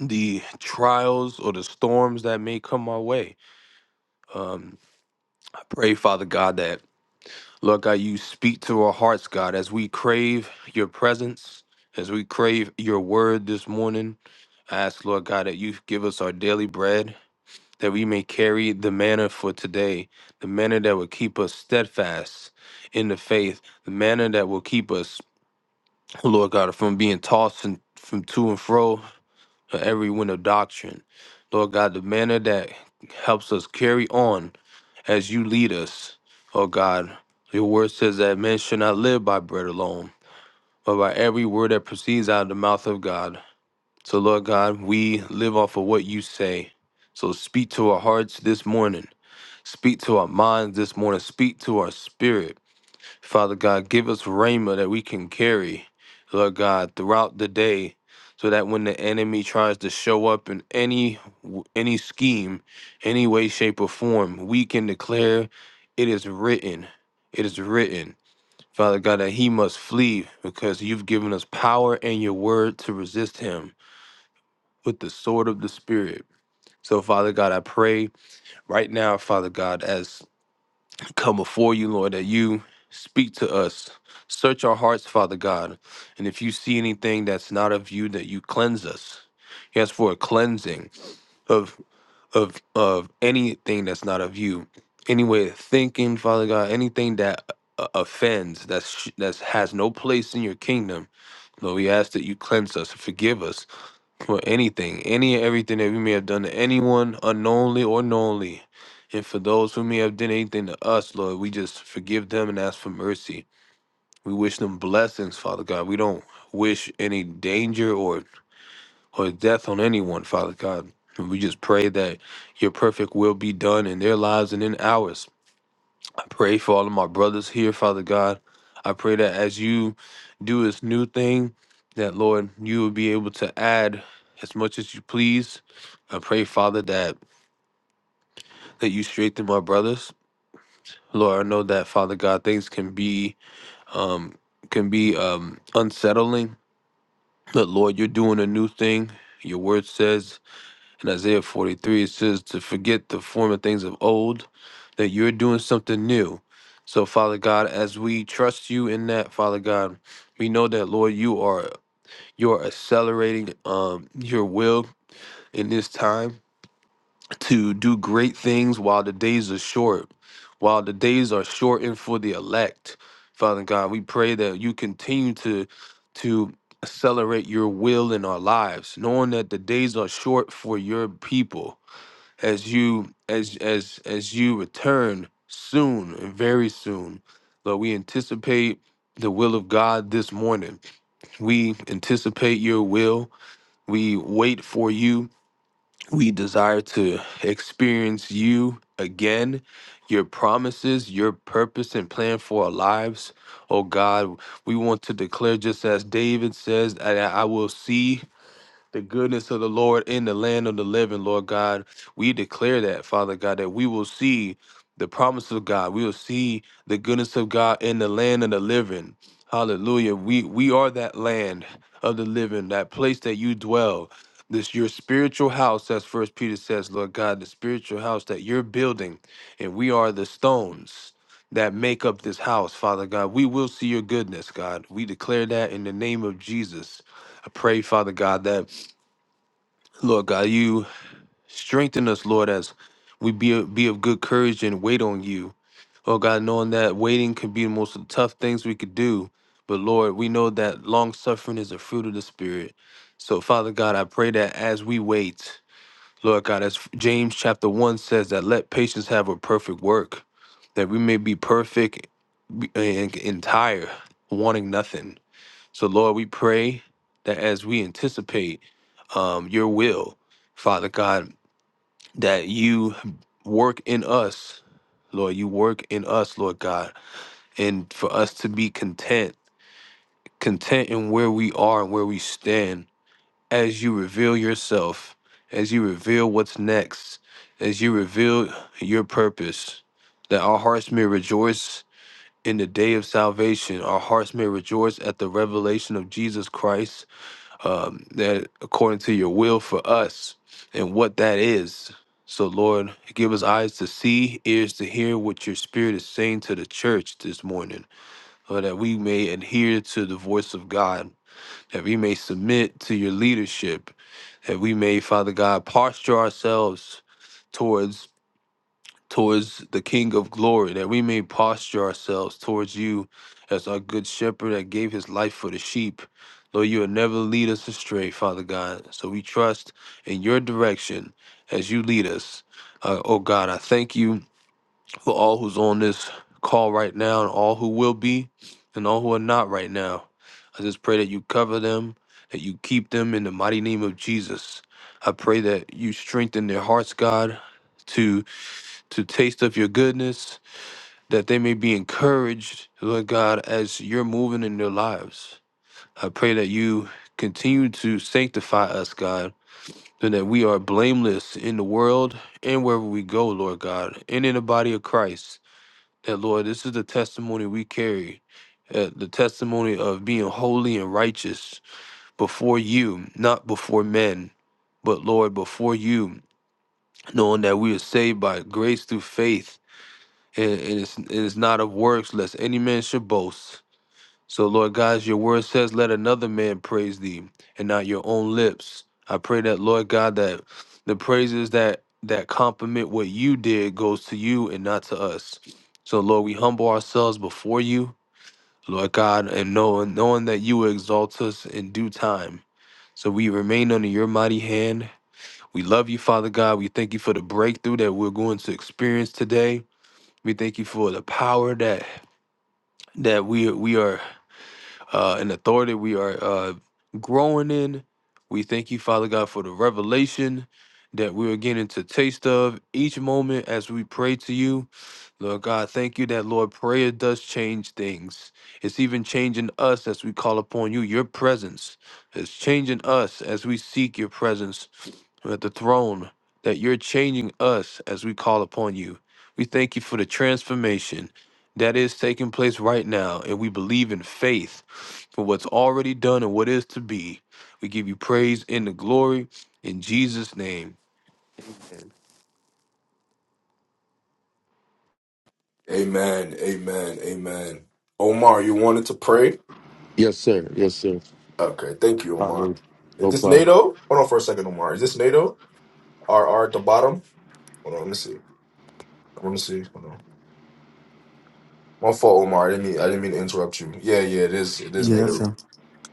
Speaker 3: the trials or the storms that may come our way. Um, I pray, Father God, that Lord God, you speak to our hearts, God, as we crave your presence, as we crave your word this morning. I ask, Lord God, that you give us our daily bread, that we may carry the manna for today, the manna that will keep us steadfast in the faith, the manna that will keep us, Lord God, from being tossed and from to and fro, for every wind of doctrine. Lord God, the manner that helps us carry on as you lead us, oh God. Your word says that men should not live by bread alone, but by every word that proceeds out of the mouth of God. So, Lord God, we live off of what you say. So, speak to our hearts this morning. Speak to our minds this morning. Speak to our spirit. Father God, give us rhema that we can carry, Lord God, throughout the day, so that when the enemy tries to show up in any any scheme, any way, shape, or form, we can declare, "It is written, it is written." Father God, that he must flee because you've given us power and your word to resist him with the sword of the spirit. So, Father God, I pray right now, Father God, as come before you, Lord, that you speak to us. Search our hearts, Father God. And if you see anything that's not of you, that you cleanse us. Yes, for a cleansing of of of anything that's not of you. Any way of thinking, Father God, anything that uh, offends, that's that has no place in your kingdom. Lord, we ask that you cleanse us, forgive us, for anything, any and everything that we may have done to anyone unknowingly or knowingly. And for those who may have done anything to us, Lord, we just forgive them and ask for mercy. We wish them blessings, Father God. We don't wish any danger or, or death on anyone, Father God. And we just pray that your perfect will be done in their lives and in ours. I pray for all of my brothers here, Father God. I pray that as you do this new thing, that Lord, you will be able to add as much as you please. I pray, Father, that that you strengthen my brothers. Lord, I know that Father God, things can be um can be um unsettling. But Lord, you're doing a new thing. Your word says In Isaiah 43, it says to forget the former things of old, that you're doing something new. So, Father God, as we trust you in that, Father God, we know that Lord, you are you are accelerating um, your will in this time to do great things while the days are short, while the days are shortened for the elect. Father God, we pray that you continue to to accelerate your will in our lives, knowing that the days are short for your people as you as as as you return soon and very soon lord we anticipate the will of god this morning we anticipate your will we wait for you we desire to experience you again your promises your purpose and plan for our lives oh god we want to declare just as david says i, I will see the goodness of the Lord in the land of the living, Lord God. We declare that, Father God, that we will see the promise of God. We will see the goodness of God in the land of the living. Hallelujah. We we are that land of the living, that place that you dwell. This your spiritual house, as first Peter says, Lord God, the spiritual house that you're building, and we are the stones that make up this house, Father God. We will see your goodness, God. We declare that in the name of Jesus. I pray, Father God, that Lord God, you strengthen us, Lord, as we be be of good courage and wait on you. Lord God, knowing that waiting can be the most tough things we could do, but Lord, we know that long suffering is a fruit of the Spirit. So, Father God, I pray that as we wait, Lord God, as James chapter one says, that let patience have a perfect work, that we may be perfect and entire, wanting nothing. So, Lord, we pray that as we anticipate um, your will, Father God, that you work in us, Lord, you work in us, Lord God, and for us to be content, content in where we are and where we stand as you reveal yourself, as you reveal what's next, as you reveal your purpose, that our hearts may rejoice in the day of salvation, our hearts may rejoice at the revelation of Jesus Christ um, that according to your will for us and what that is. So, Lord, give us eyes to see, ears to hear what your spirit is saying to the church this morning, Lord, that we may adhere to the voice of God, that we may submit to your leadership, that we may, Father God, posture ourselves towards towards the King of glory, that we may posture ourselves towards you as our good shepherd that gave his life for the sheep. Lord, you will never lead us astray, Father God. So we trust in your direction as you lead us. Uh, oh God, I thank you for all who's on this call right now and all who will be and all who are not right now. I just pray that you cover them, that you keep them in the mighty name of Jesus. I pray that you strengthen their hearts, God, to to taste of your goodness, that they may be encouraged, Lord God, as you're moving in their lives. I pray that you continue to sanctify us, God, and that we are blameless in the world and wherever we go, Lord God, and in the body of Christ. That, Lord, this is the testimony we carry. uh, the testimony of being holy and righteous before you, not before men, but Lord, before you, knowing that we are saved by grace through faith and, and it's, it is not of works, lest any man should boast. So, Lord God, as your word says, let another man praise thee, and not your own lips. I pray that, Lord God, that the praises that that compliment what you did goes to you and not to us. So, Lord, we humble ourselves before you, Lord God, and knowing knowing that you will exalt us in due time. So we remain under your mighty hand. We love you, Father God. We thank you for the breakthrough that we're going to experience today. We thank you for the power that that we we are uh, an authority we are uh, growing in. We thank you, Father God, for the revelation that we are getting to taste of each moment as we pray to you. Lord God, thank you that Lord prayer does change things. It's even changing us as we call upon you. Your presence is changing us as we seek your presence at the throne. That you're changing us as we call upon you. We thank you for the transformation that is taking place right now, and we believe in faith for what's already done and what is to be. We give you praise and the glory in Jesus' name.
Speaker 1: Amen. Amen. Amen. Omar, you wanted to pray?
Speaker 2: Yes, sir. Yes, sir.
Speaker 1: Okay. Thank you, Omar.
Speaker 2: Hallelujah.
Speaker 1: Is
Speaker 2: No
Speaker 1: this
Speaker 2: problem.
Speaker 1: NATO? Hold on for a second, Omar. Is this NATO? R R at the bottom? Hold on. Let me see. Let me see. Hold on. My fault, Omar. I didn't mean I didn't mean to interrupt you. Yeah, yeah, it is it is
Speaker 4: Yeah, that's
Speaker 1: NATO.
Speaker 4: him.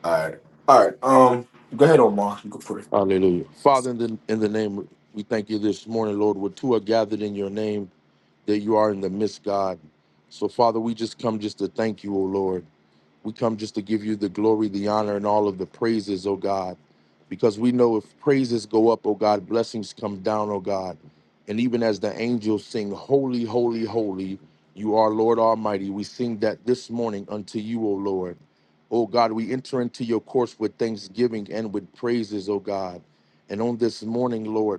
Speaker 1: Alright. Alright. Um go ahead, Omar. You can pray.
Speaker 2: Hallelujah. Father, in the, in the name, we thank you this morning, Lord. Where two are gathered in your name, that you are in the midst, God. So, Father, we just come just to thank you, O Lord. We come just to give you the glory, the honor, and all of the praises, oh God, because we know if praises go up, oh God, blessings come down, oh God. And even as the angels sing, Holy, Holy, Holy, you are Lord Almighty, we sing that this morning unto you, O Lord. O God, we enter into your course with thanksgiving and with praises, O God. And on this morning, Lord,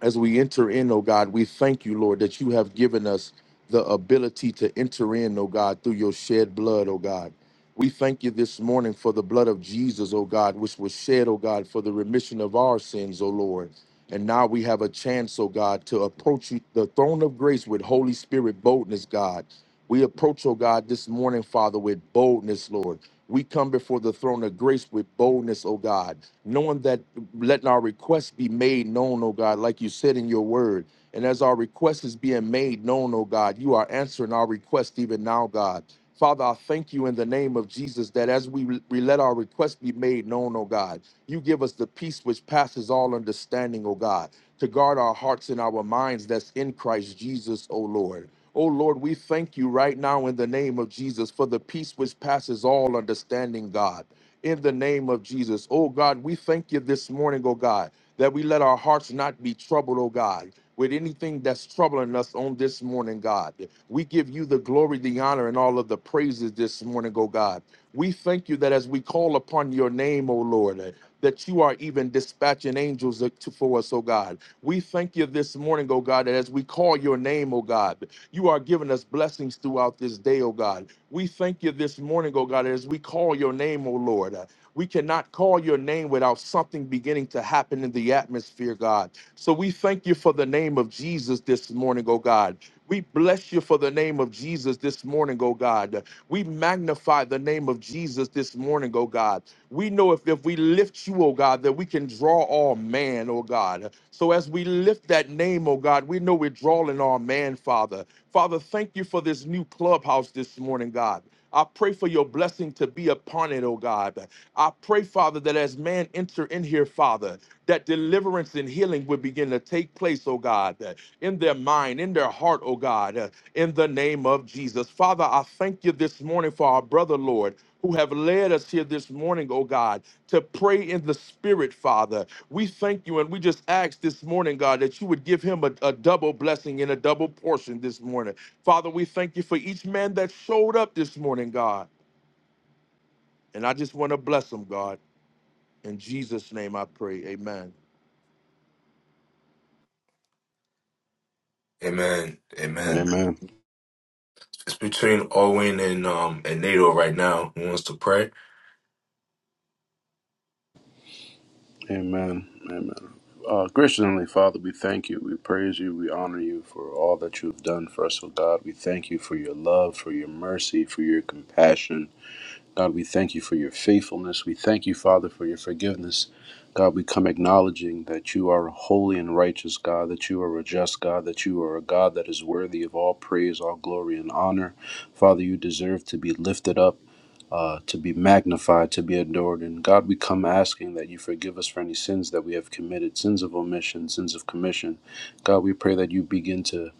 Speaker 2: as we enter in, oh God, we thank you, Lord, that you have given us the ability to enter in, oh God, through your shed blood, oh God. We thank you this morning for the blood of Jesus, oh God, which was shed, oh God, for the remission of our sins, oh Lord. And now we have a chance, oh God, to approach you, the throne of grace with Holy Spirit boldness, God. We approach, oh God, this morning, Father, with boldness, Lord. We come before the throne of grace with boldness, oh God knowing that letting our requests be made known, oh God, like you said in your word. And as our request is being made known, oh God, you are answering our request even now, God. Father, I thank you in the name of Jesus that as we, we let our request be made known, oh God, you give us the peace which passes all understanding, oh God, to guard our hearts and our minds that's in Christ Jesus, oh Lord. Oh Lord, we thank you right now in the name of Jesus for the peace which passes all understanding, God in the name of Jesus. Oh God, we thank you this morning, oh God, that we let our hearts not be troubled, oh God, with anything that's troubling us on this morning, God. We give you the glory, the honor, and all of the praises this morning, oh God. We thank you that as we call upon your name, oh Lord, that you are even dispatching angels to- for us, oh God. We thank you this morning, oh God, that as we call your name, oh God, you are giving us blessings throughout this day, oh God. We thank you this morning, oh God, as we call your name, oh Lord. Uh, we cannot call your name without something beginning to happen in the atmosphere, God. So we thank you for the name of Jesus this morning, oh God. We bless you for the name of Jesus this morning, oh God. We magnify the name of Jesus this morning, oh God. We know if, if we lift you, oh God, that we can draw all man, oh God. So as we lift that name, oh God, we know we're drawing all man, Father. Father, thank you for this new clubhouse this morning, God. I pray for your blessing to be upon it, oh God. I pray, Father, that as man enter in here, Father, that deliverance and healing would begin to take place, oh God in their mind, in their heart, oh God, uh, in the name of Jesus. Father, I thank you this morning for our brother, Lord, who have led us here this morning, oh God, to pray in the spirit, Father. We thank you and we just ask this morning, God, that you would give him a, a double blessing and a double portion this morning. Father, we thank you for each man that showed up this morning, God. And I just want to bless them, God. In Jesus' name I pray. Amen.
Speaker 1: Amen. Amen.
Speaker 5: Amen.
Speaker 1: It's between Owen and um and NATO right now. Who wants to pray?
Speaker 5: Amen. Amen. Uh, gracious Heavenly Father, we thank you. We praise you. We honor you for all that you've done for us, O God. We thank you for your love, for your mercy, for your compassion. God, we thank you for your faithfulness. We thank you, Father, for your forgiveness. God, we come acknowledging that you are a holy and righteous God, that you are a just God, that you are a God that is worthy of all praise, all glory, and honor. Father, you deserve to be lifted up. uh, to be magnified, to be adored. And God, we come asking that you forgive us for any sins that we have committed, sins of omission, sins of commission. God, we pray that you begin to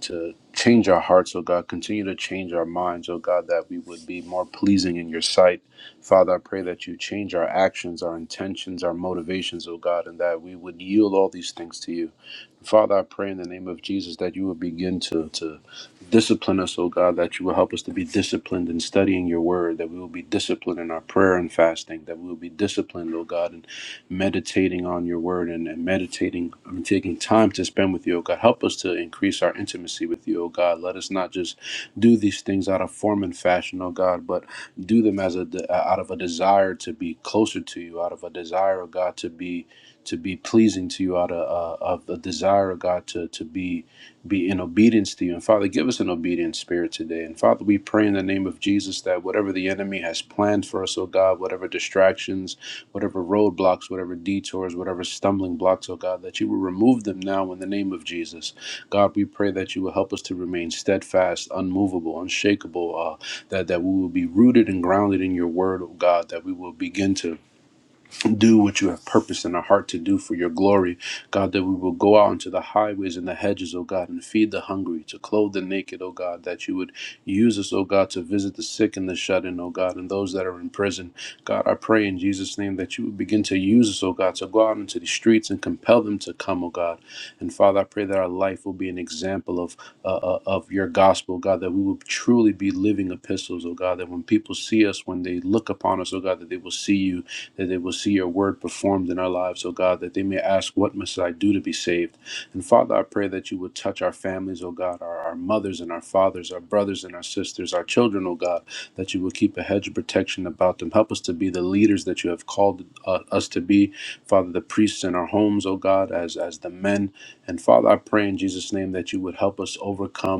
Speaker 5: to change our hearts, oh God, continue to change our minds, oh God, that we would be more pleasing in your sight. Father, I pray that you change our actions, our intentions, our motivations, oh God, and that we would yield all these things to you. Father, I pray in the name of Jesus that you will begin to, to discipline us, oh God, that you will help us to be disciplined in studying your word, that we will be disciplined in our prayer and fasting, that we will be disciplined, oh God, in meditating on your word and, and meditating and taking time to spend with you, oh God. Help us to increase our intimacy with you, oh God. Let us not just do these things out of form and fashion, oh God, but do them as a de- out of a desire to be closer to you, out of a desire, oh God, to be to be pleasing to you out of, uh, of the desire of God to, to be be in obedience to you. And Father, give us an obedient spirit today. And Father, we pray in the name of Jesus that whatever the enemy has planned for us, oh God, whatever distractions, whatever roadblocks, whatever detours, whatever stumbling blocks, oh God, that you will remove them now in the name of Jesus. God, we pray that you will help us to remain steadfast, unmovable, unshakable, uh, that, that we will be rooted and grounded in your word, oh God, that we will begin to do what you have purposed in our heart to do for your glory. God, that we will go out into the highways and the hedges, O God, and feed the hungry, to clothe the naked, O God, that you would use us, O God, to visit the sick and the shut in, O God, and those that are in prison. God, I pray in Jesus' name that you would begin to use us, O God, to go out into the streets and compel them to come, O God. And Father, I pray that our life will be an example of uh, uh, of your gospel, God, that we will truly be living epistles, O God, that when people see us, when they look upon us, O God, that they will see you that they will see your word performed in our lives, O God, that they may ask, What must I do to be saved? And Father, I pray that you would touch our families, O God, our, our mothers and our fathers, our brothers and our sisters, our children, O God, that you will keep a hedge of protection about them. Help us to be the leaders that you have called uh, us to be, Father, the priests in our homes, O God, as, as the men. And Father, I pray in Jesus' name that you would help us overcome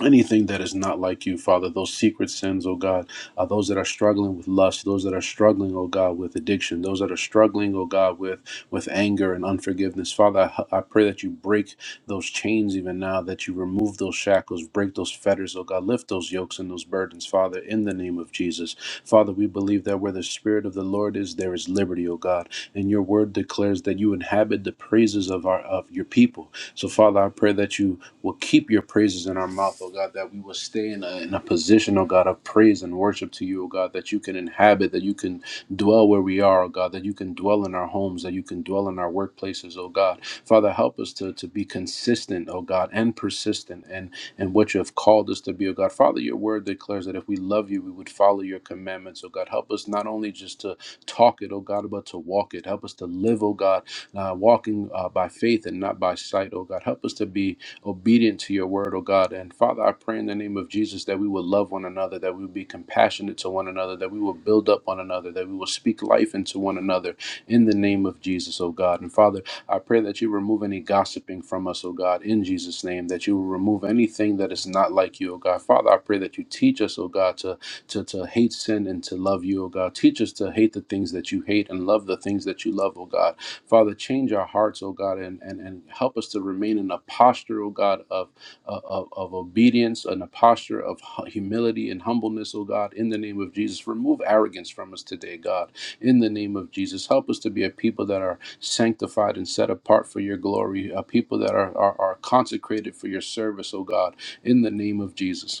Speaker 5: anything that is not like you, Father, those secret sins, oh God, uh, those that are struggling with lust, those that are struggling, oh God, with addiction, those that are struggling, oh God, with with anger and unforgiveness, Father, I, I pray that you break those chains even now, that you remove those shackles, break those fetters, oh God, lift those yokes and those burdens, Father, in the name of Jesus, Father, we believe that where the Spirit of the Lord is, there is liberty, oh God, and your Word declares that you inhabit the praises of our of your people. So, Father, I pray that you will keep your praises in our mouth, oh God, that we will stay in a, in a position, oh God, of praise and worship to you, oh God, that you can inhabit, that you can dwell where we are, oh God, that you can dwell in our homes, that you can dwell in our workplaces, oh God. Father, help us to, to be consistent, oh God, and persistent and and what you have called us to be, oh God. Father, your word declares that if we love you, we would follow your commandments, oh God. Help us not only just to talk it, oh God, but to walk it. Help us to live, oh God, uh, walking uh, by faith and not by sight, oh God. Help us to be obedient to your word, oh God. And Father, I pray in the name of Jesus that we will love one another, that we will be compassionate to one another, that we will build up one another, that we will speak life into one another in the name of Jesus, oh God. And Father, I pray that you remove any gossiping from us, oh God, in Jesus' name, that you will remove anything that is not like you, oh God. Father, I pray that you teach us, oh God, to, to, to hate sin and to love you, oh God. Teach us to hate the things that you hate and love the things that you love, oh God. Father, change our hearts, oh God, and, and, and help us to remain in a posture, oh God, of, of, of obedience and a posture of humility and humbleness, oh God, in the name of Jesus. Remove arrogance from us today, God, in the name of Jesus. Help us to be a people that are sanctified and set apart for your glory, a people that are, are, are consecrated for your service, oh God, in the name of Jesus.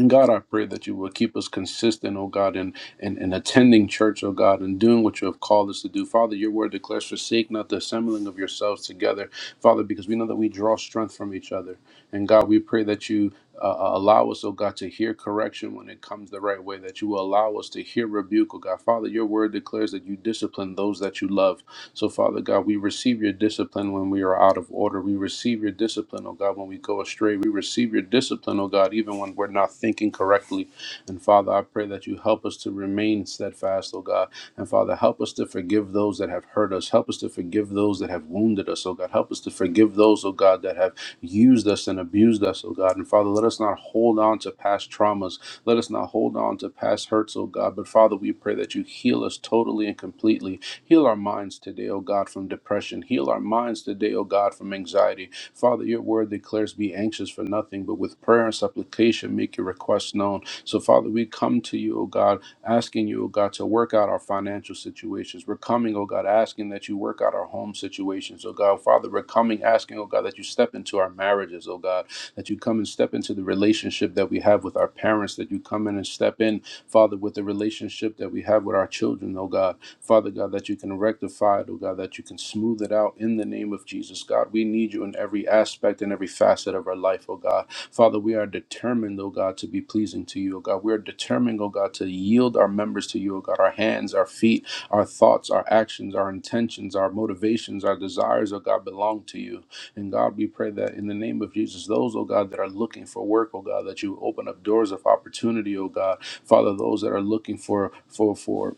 Speaker 5: And God, I pray that you will keep us consistent, oh God, in, in, in attending church, oh God, and doing what you have called us to do. Father, your word declares, forsake not the assembling of yourselves together, Father, because we know that we draw strength from each other. And God, we pray that you uh, uh, allow us, oh God, to hear correction when it comes the right way, that you will allow us to hear rebuke, oh God. Father, your word declares that you discipline those that you love. So, Father God, we receive your discipline when we are out of order. We receive your discipline, oh God, when we go astray. We receive your discipline, oh God, even when we're not thinking correctly. And Father, I pray that you help us to remain steadfast, oh God. And Father, help us to forgive those that have hurt us. Help us to forgive those that have wounded us, oh God. Help us to forgive those, oh God, that have used us and abused us, oh God. And Father, let us not hold on to past traumas. Let us not hold on to past hurts, oh God. But Father, we pray that you heal us totally and completely. Heal our minds today, O God, from depression. Heal our minds today, O God, from anxiety. Father, your word declares, Be anxious for nothing, but with prayer and supplication make your requests known. So, Father, we come to you, O God, asking you, O God, to work out our financial situations. We're coming, O God, asking that you work out our home situations, O God. Father, we're coming, asking, O God, that you step into our marriages, O God, that you come and step into the relationship that we have with our parents, that you come in and step in, Father, with the relationship that we have with our children, O God. Father God, that you can rectify it, oh God, that you can smooth it out in the name of Jesus, God. We need you in every aspect and every facet of our life, oh God. Father, we are determined, oh God, to be pleasing to you, oh God. We are determined, oh God, to yield our members to you, oh God, our hands, our feet, our thoughts, our actions, our intentions, our motivations, our desires, oh God, belong to you. And God, we pray that in the name of Jesus, those, oh God, that are looking for work, oh God, that you open up doors of opportunity, oh God. Father, those that are looking for for for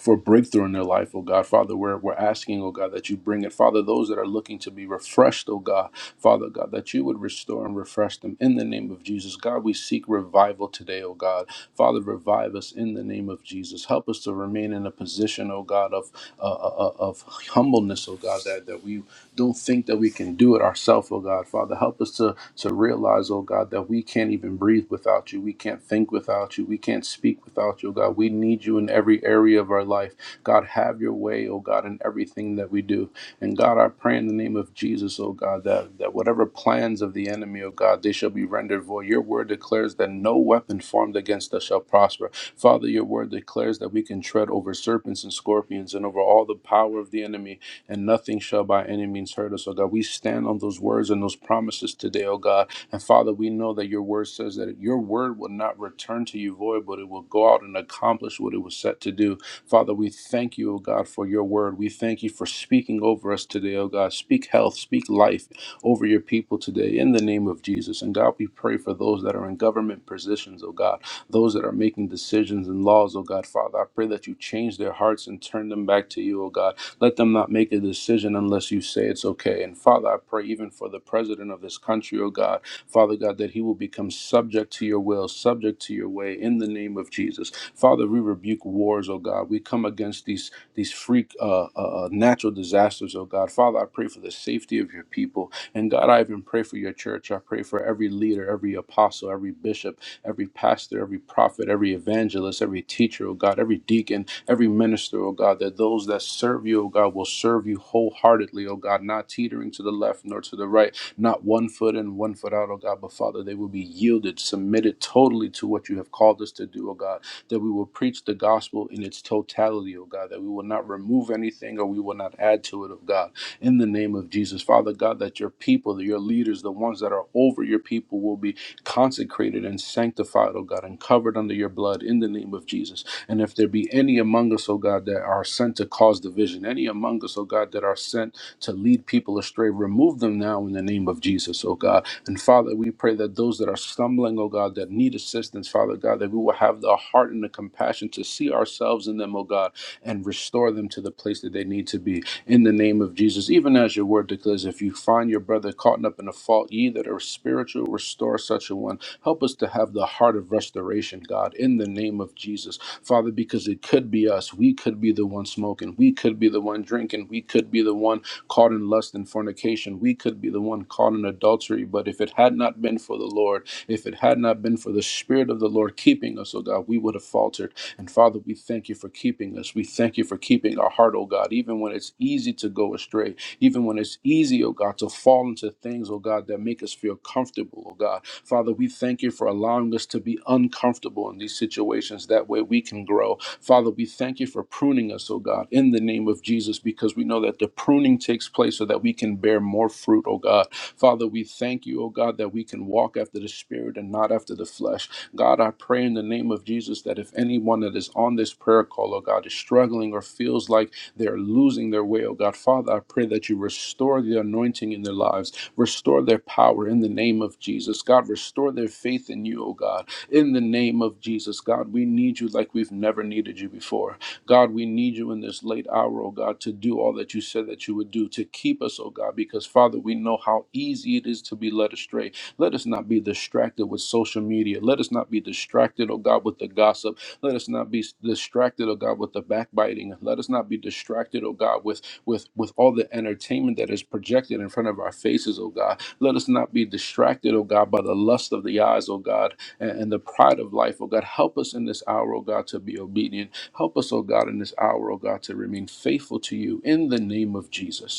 Speaker 5: for breakthrough in their life, oh God. Father, we're, we're asking, oh God, that you bring it. Father, those that are looking to be refreshed, oh God, Father God, that you would restore and refresh them in the name of Jesus. God, we seek revival today, oh God. Father, revive us in the name of Jesus. Help us to remain in a position, oh God, of uh, uh, uh, of humbleness, oh God, that, that we don't think that we can do it ourselves, oh God. Father, help us to to realize, oh God, that we can't even breathe without you. We can't think without you. We can't speak without you, oh God. We need you in every area of our life. God, have your way, oh God, in everything that we do. And God, I pray in the name of Jesus, oh God, that, that whatever plans of the enemy, oh God, they shall be rendered void. Your word declares that no weapon formed against us shall prosper. Father, your word declares that we can tread over serpents and scorpions and over all the power of the enemy and nothing shall by any means hurt us, oh God. We stand on those words and those promises today, oh God. And Father, we know that your word says that your word will not return to you void, but it will go out and accomplish what it was set to do. Father, we thank you, oh God, for your word. We thank you for speaking over us today, oh God. Speak health, speak life over your people today in the name of Jesus. And God, we pray for those that are in government positions, oh God, those that are making decisions and laws, oh God. Father, I pray that you change their hearts and turn them back to you, oh God. Let them not make a decision unless you say it's okay. And Father, I pray even for the president of this country, oh God, Father God, that he will become subject to your will, subject to your way in the name of Jesus. Father, we rebuke wars, oh God. We come against these these freak uh, uh, uh, natural disasters, oh God. Father, I pray for the safety of your people. And God, I even pray for your church. I pray for every leader, every apostle, every bishop, every pastor, every prophet, every evangelist, every teacher, oh God, every deacon, every minister, oh God, that those that serve you, oh God, will serve you wholeheartedly, oh God, not teetering to the left nor to the right, not one foot in, one foot out, oh God, but Father, they will be yielded, submitted totally to what you have called us to do, oh God, that we will preach the gospel in its totality, oh God, that we will not remove anything or we will not add to it, oh God, in the name of Jesus. Father God, that your people, that your leaders, the ones that are over your people will be consecrated and sanctified, oh God, and covered under your blood in the name of Jesus. And if there be any among us, oh God, that are sent to cause division, any among us, oh God, that are sent to lead people astray, remove them now in the name of Jesus, oh God. And Father, we pray that those that are stumbling, oh God, that need assistance, Father God, that we will have the heart and the compassion to see ourselves in them, oh God, and restore them to the place that they need to be in the name of Jesus. Even as your word declares, if you find your brother caught up in a fault, ye that are spiritual, restore such a one. Help us to have the heart of restoration, God, in the name of Jesus. Father, because it could be us. We could be the one smoking. We could be the one drinking. We could be the one caught in lust and fornication. We could be the one caught in adultery. But if it had not been for the Lord, if it had not been for the Spirit of the Lord keeping us, oh God, we would have faltered. And Father, we thank you for keeping us. We thank you for keeping our heart, oh God, even when it's easy to go astray, even when it's easy, oh God, to fall into things, oh God, that make us feel comfortable, oh God. Father, we thank you for allowing us to be uncomfortable in these situations. That way we can grow. Father, we thank you for pruning us, oh God, in the name of Jesus, because we know that the pruning takes place so that that we can bear more fruit, oh God. Father, we thank you, oh God, that we can walk after the Spirit and not after the flesh. God, I pray in the name of Jesus that if anyone that is on this prayer call, oh God, is struggling or feels like they're losing their way, oh God, Father, I pray that you restore the anointing in their lives, restore their power in the name of Jesus. God, restore their faith in you, oh God, in the name of Jesus. God, we need you like we've never needed you before. God, we need you in this late hour, oh God, to do all that you said that you would do, to keep us, oh God, because Father, we know how easy it is to be led astray. Let us not be distracted with social media. Let us not be distracted, oh God, with the gossip. Let us not be distracted, oh God, with the backbiting. Let us not be distracted, oh God, with with with all the entertainment that is projected in front of our faces, oh God. Let us not be distracted, oh God, by the lust of the eyes, oh God, and, and the pride of life, oh God. Help us in this hour, oh God, to be obedient. Help us, oh God, in this hour, oh God, to remain faithful to you in the name of Jesus.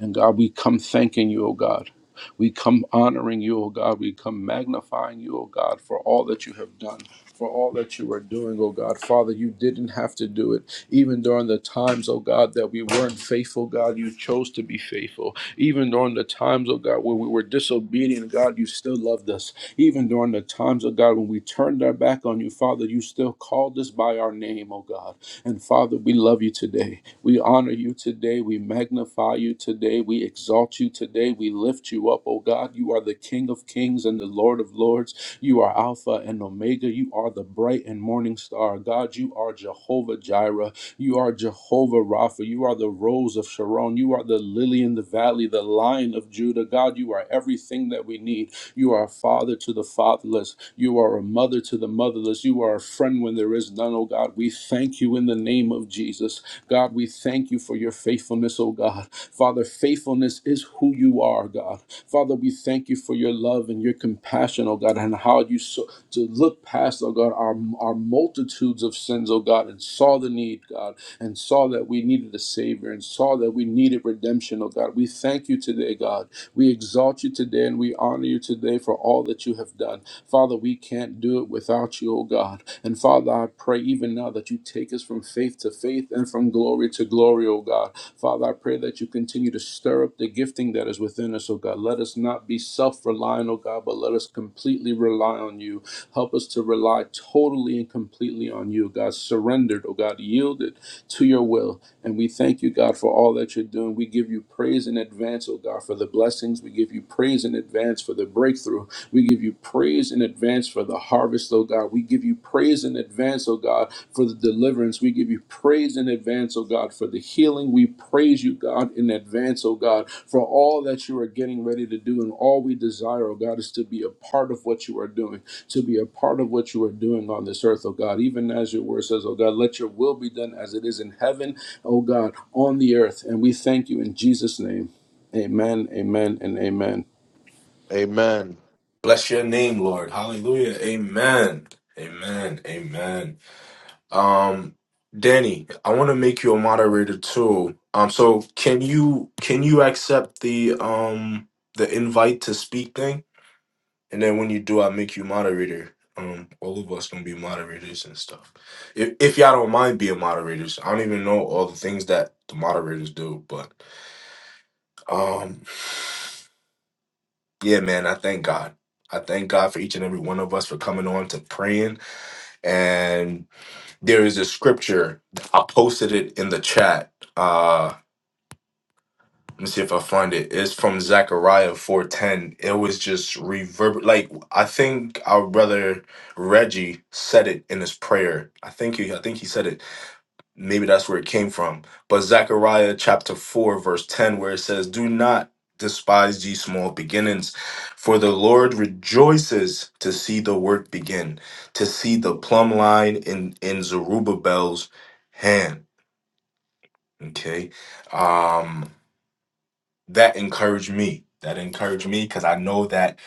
Speaker 5: And God, we come thanking you, O God. We come honoring you, O God. We come magnifying you, O God, for all that you have done, for all that you are doing, O God. Father, you didn't have to do it. Even during the times, O God, that we weren't faithful, God, you chose to be faithful. Even during the times, O God, when we were disobedient, God, you still loved us. Even during the times, O God, when we turned our back on you, Father, you still called us by our name, O God. And Father, we love you today. We honor you today. We magnify you today. We exalt you today. We lift you up, oh God. You are the King of kings and the Lord of lords. You are Alpha and Omega. You are the bright and morning star. God, you are Jehovah Jireh. You are Jehovah Rapha. You are the rose of Sharon. You are the lily in the valley, the lion of Judah. God, you are everything that we need. You are a father to the fatherless. You. You are a mother to the motherless. You are a friend when there is none, oh God. We thank you in the name of Jesus. God, we thank you for your faithfulness, oh God. Father, faithfulness is who you are, God. Father, we thank you for your love and your compassion, oh God, and how you so to look past, oh God, our, our multitudes of sins, oh God, and saw the need, God, and saw that we needed a Savior and saw that we needed redemption, oh God. We thank you today, God, we exalt you today and we honor you today for all that you have done. Father, we can't do it without you, O God. And Father, I pray even now that you take us from faith to faith and from glory to glory, O God. Father, I pray that you continue to stir up the gifting that is within us, O God. Let us not be self reliant, O God, but let us completely rely on you. Help us to rely totally and completely on you, God. Surrendered, O God, yielded to your will. And we thank you, God, for all that you're doing. We give you praise in advance, oh God, for the blessings. We give you praise in advance for the breakthrough. We give you praise in advance for the harvest, oh God. We give you praise in advance, oh God, for the deliverance. We give you praise in advance, oh God, for the healing. We praise you, God, in advance, oh God, for all that you are getting ready to do. And all we desire, oh God, is to be a part of what you are doing, to be a part of what you are doing on this earth, oh God. Even as your word says, oh God, let your will be done as it is in heaven, oh God, on the earth. And we thank you in Jesus' name. Amen, amen, and amen.
Speaker 2: Amen.
Speaker 1: Bless your name, Lord. Hallelujah. Amen. Amen. Amen. Um, Danny, I want to make you a moderator too. Um, so can you can you accept the um the invite to speak thing? And then when you do, i make you moderator. Um, all of us gonna be moderators and stuff. If if y'all don't mind being moderators, I don't even know all the things that the moderators do, but um, yeah, man, I thank God. I thank God for each and every one of us for coming on to praying. And there is a scripture I posted it in the chat. Uh, Let me see if I find it. It's from Zechariah 410. It was just reverb like I think our brother Reggie said it in his prayer. I think he I think he said it. Maybe that's where it came from. But Zechariah chapter 4, verse 10, where it says, Do not despise ye small beginnings, for the Lord rejoices to see the work begin, to see the plumb line in, in Zerubbabel's hand. Okay. Um that encouraged me. That encouraged me because I know that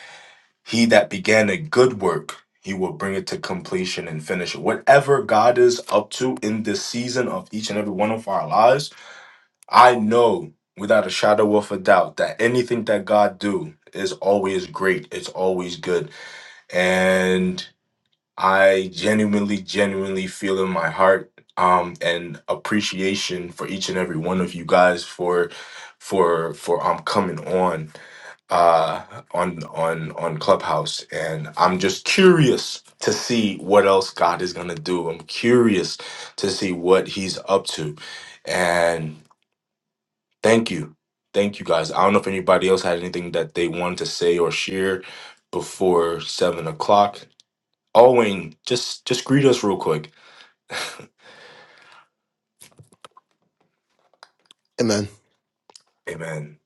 Speaker 1: he that began a good work, he will bring it to completion and finish it. Whatever God is up to in this season of each and every one of our lives, I know without a shadow of a doubt that anything that God do is always great. It's always good. And I genuinely, genuinely feel in my heart um and appreciation for each and every one of you guys for for for um coming on uh, on on on Clubhouse, and I'm just curious to see what else God is gonna do. I'm curious to see what He's up to, and thank you, thank you guys. I don't know if anybody else had anything that they wanted to say or share before seven o'clock. Owen, just just greet us real quick.
Speaker 4: Amen.
Speaker 1: Amen.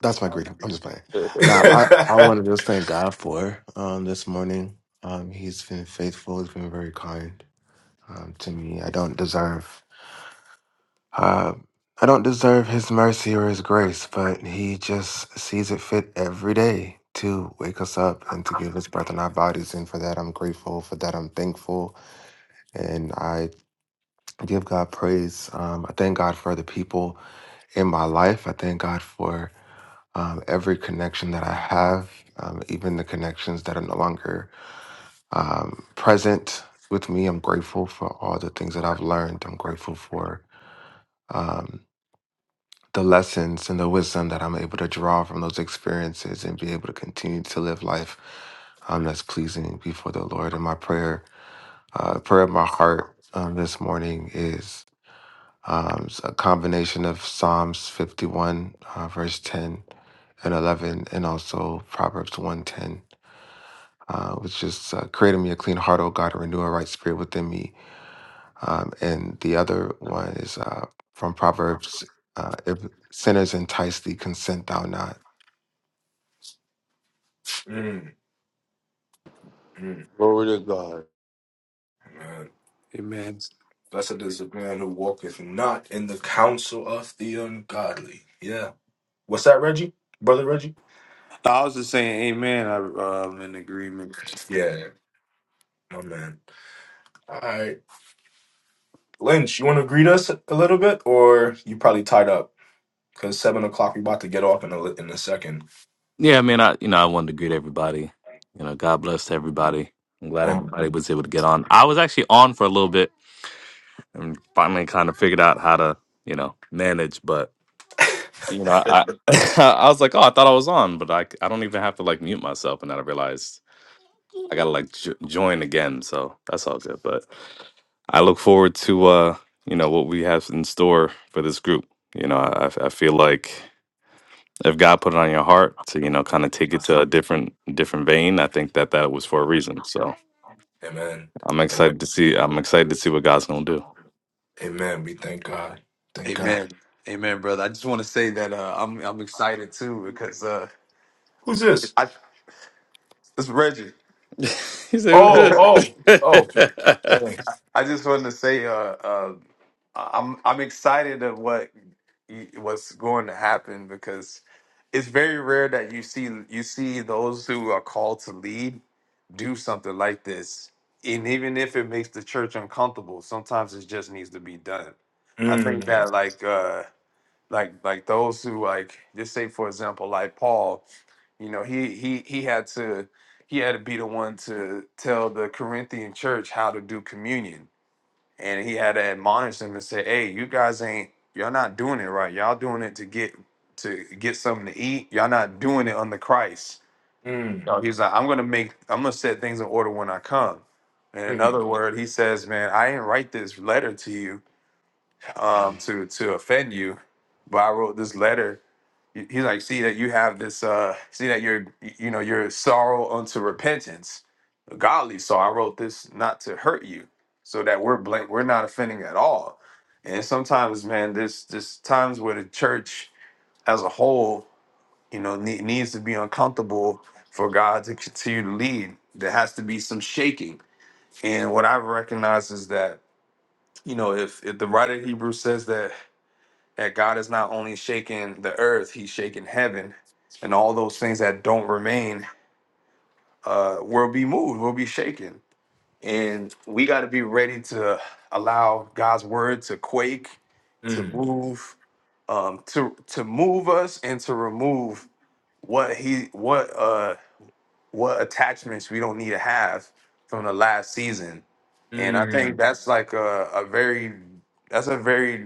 Speaker 4: That's my greeting. I'm just playing.
Speaker 2: (laughs)
Speaker 4: Now, I, I
Speaker 1: (laughs)
Speaker 4: want to just thank God for um, this morning. Um, he's been faithful. He's been very kind um, to me. I don't deserve uh, I don't deserve His mercy or His grace, but He just sees it fit every day to wake us up and to give us breath in our bodies. And for that, I'm grateful. For that, I'm thankful, and I give God praise. Um, I thank God for the people in my life. I thank God for um, every connection that I have, um, even the connections that are no longer um, present with me. I'm grateful for all the things that I've learned. I'm grateful for um, the lessons and the wisdom that I'm able to draw from those experiences and be able to continue to live life um, that's pleasing before the Lord. And my prayer, uh, prayer of my heart um, this morning is um, s- a combination of Psalms 51, uh, verse 10 and 11, and also Proverbs 110. uh, which is uh, creating me a clean heart, O God, and renew a right spirit within me. Um, and the other one is uh, from Proverbs uh, if sinners entice thee, consent thou not.
Speaker 1: Mm, mm,
Speaker 2: Glory to God.
Speaker 1: man.
Speaker 3: Amen.
Speaker 1: Blessed is the man who walketh not in the counsel of the ungodly. Yeah. What's that, Reggie? Brother Reggie?
Speaker 3: I was just saying, Amen. I, I'm in agreement.
Speaker 1: Yeah, my man. All right. Lynch, you want to greet us a little bit, or you probably tied up? Because 7 o'clock, we about to get off in a, li- in a second.
Speaker 6: Yeah, I mean, I you know, I wanted to greet everybody. You know, God bless everybody. I'm glad
Speaker 1: Um,
Speaker 6: everybody was able to get on. I was actually on for a little bit and finally kind of figured out how to, you know, manage. But you know, I (laughs) I was like, oh, I thought I was on, but I I c- I don't even have to like mute myself, and then I realized I gotta like jo- join again. So that's all good. But I look forward to uh you know what we have in store for this group. You know, I I I feel like if God put it on your heart to you know kind of take it to a different different vein, I think that that was for a reason. So
Speaker 1: Amen.
Speaker 6: I'm
Speaker 1: Amen.
Speaker 6: excited to see. I'm excited to see what God's gonna do.
Speaker 1: Amen. We thank God. Thank God.
Speaker 3: Amen. Amen, brother. I just want to say that uh, I'm I'm excited too because uh,
Speaker 1: Who's this?
Speaker 3: I this Reggie.
Speaker 6: (laughs) he said
Speaker 1: Oh,
Speaker 6: it was
Speaker 1: oh, oh.
Speaker 6: good. (laughs)
Speaker 1: Thanks.
Speaker 3: I just wanted to say uh, uh, I'm I'm excited of what what's going to happen because it's very rare that you see you see those who are called to lead do something like this, and even if it makes the church uncomfortable, sometimes it just needs to be done. I think
Speaker 1: Mm,
Speaker 3: that like uh like like those who like just say for example like Paul, you know he he he had to he had to be the one to tell the Corinthian church how to do communion and he had to admonish them and say, "Hey, you guys ain't y'all not doing it right. Y'all doing it to get to get something to eat. Y'all not doing it under Christ."
Speaker 1: mm,
Speaker 3: No, he's like, "I'm gonna make I'm gonna set things in order when I come." And in
Speaker 1: mm,
Speaker 3: other word, he says, "Man, I didn't write this letter to you um, to to offend you, but I wrote this letter." He- He's like, see that you have this, uh, see that you're, you know, your sorrow unto repentance, godly. So I wrote this not to hurt you, so that we're blank, we're not offending at all. And sometimes, man, there's there's times where the church as a whole, you know, ne- needs to be uncomfortable for God to continue to lead. There has to be some shaking. And what I've recognized is that, you know, if if the writer of Hebrews says that that God is not only shaking the earth, He's shaking heaven, and all those things that don't remain uh, will be moved, will be shaken, and we got to be ready to allow God's word to quake, to
Speaker 1: mm,
Speaker 3: move, um, to to move us, and to remove what He what uh what attachments we don't need to have from the last season, and I
Speaker 1: mm.
Speaker 3: think that's like a, a very that's a very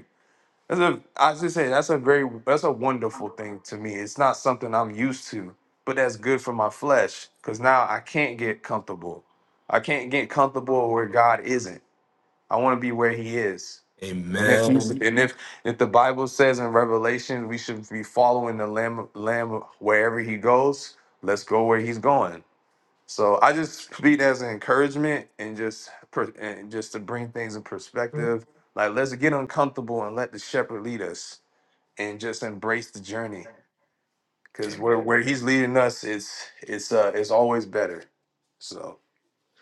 Speaker 3: that's a, I should say that's a very that's a wonderful thing to me. It's not something I'm used to, but that's good for my flesh because now I can't get comfortable. I can't get comfortable where God isn't. I want to be where He is. And if he's,
Speaker 1: Amen.
Speaker 3: and if if the Bible says in Revelation we should be following the Lamb Lamb wherever He goes, let's go where He's going. So I just speak as an encouragement and just per- and just to bring things in perspective. Like let's get uncomfortable and let the shepherd lead us and just embrace the journey. Cause
Speaker 1: Amen.
Speaker 3: where where he's leading us is it's uh it's always better. So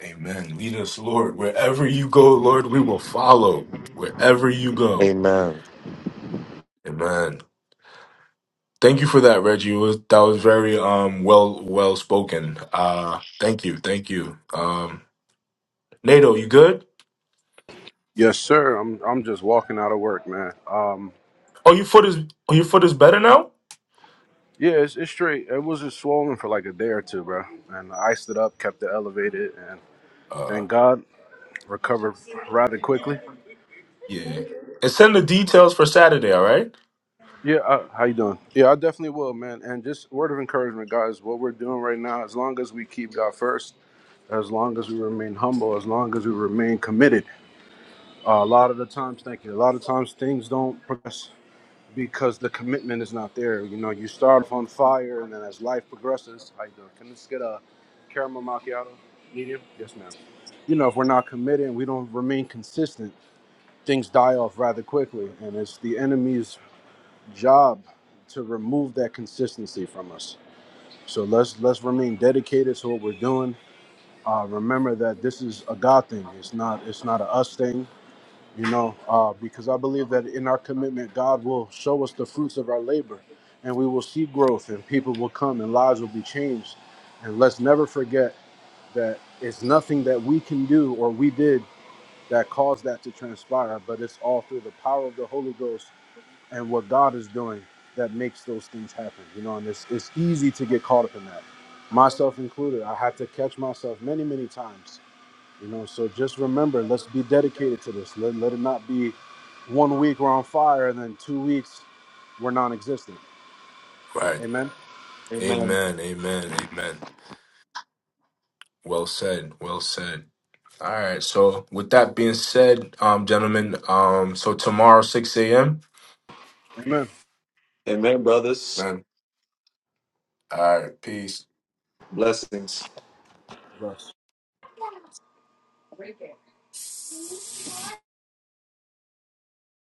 Speaker 1: Amen. Lead us, Lord. Wherever you go, Lord, we will follow. Wherever you go.
Speaker 2: Amen.
Speaker 1: Amen. Thank you for that, Reggie. It was- that was very um well well spoken. Uh thank you, thank you. Um Nato, you good?
Speaker 5: Yes, sir. I'm I'm just walking out of work, man. Um.
Speaker 1: Oh your foot is oh, your foot is better now?
Speaker 5: Yeah, it's, it's straight. It was just swollen for like a day or two, bro. And I iced it up, kept it elevated, and
Speaker 1: Uh
Speaker 5: thank God recovered rather quickly.
Speaker 1: yeah. yeah. And send the details for Saturday, all right?
Speaker 5: Yeah, uh, how you doing? Yeah, I definitely will, man. And just word of encouragement, guys. What we're doing right now, as long as we keep God first, as long as we remain humble, as long as we remain committed. Uh, a lot of the times, thank you. A lot of times things don't progress because the commitment is not there. You know, you start off on fire, and then as life progresses, how you doing? Can this get a caramel macchiato, medium? Yes, ma'am. You know, if we're not committed, and we don't remain consistent. Things die off rather quickly, and it's the enemy's job to remove that consistency from us. So let's let's remain dedicated to what we're doing. Uh, remember that this is a God thing. It's not it's not a us thing you know, uh, because I believe that in our commitment, God will show us the fruits of our labor and we will see growth and people will come and lives will be changed. And let's never forget that it's nothing that we can do or we did that caused that to transpire, but it's all through the power of the Holy Ghost and what God is doing that makes those things happen, you know, and it's, it's easy to get caught up in that. Myself included, I had to catch myself many, many times you know, so just remember, let's be dedicated to this. Let, let it not be one week we're on fire and then two weeks we're non existent.
Speaker 1: Right.
Speaker 5: Amen.
Speaker 3: Amen.
Speaker 1: Amen. Amen. Amen. Well said. Well said. All right. So with that being said, um, gentlemen, um, so tomorrow six a.m.
Speaker 5: Amen.
Speaker 3: Amen, brothers.
Speaker 1: Man. All right. Peace.
Speaker 3: Blessings.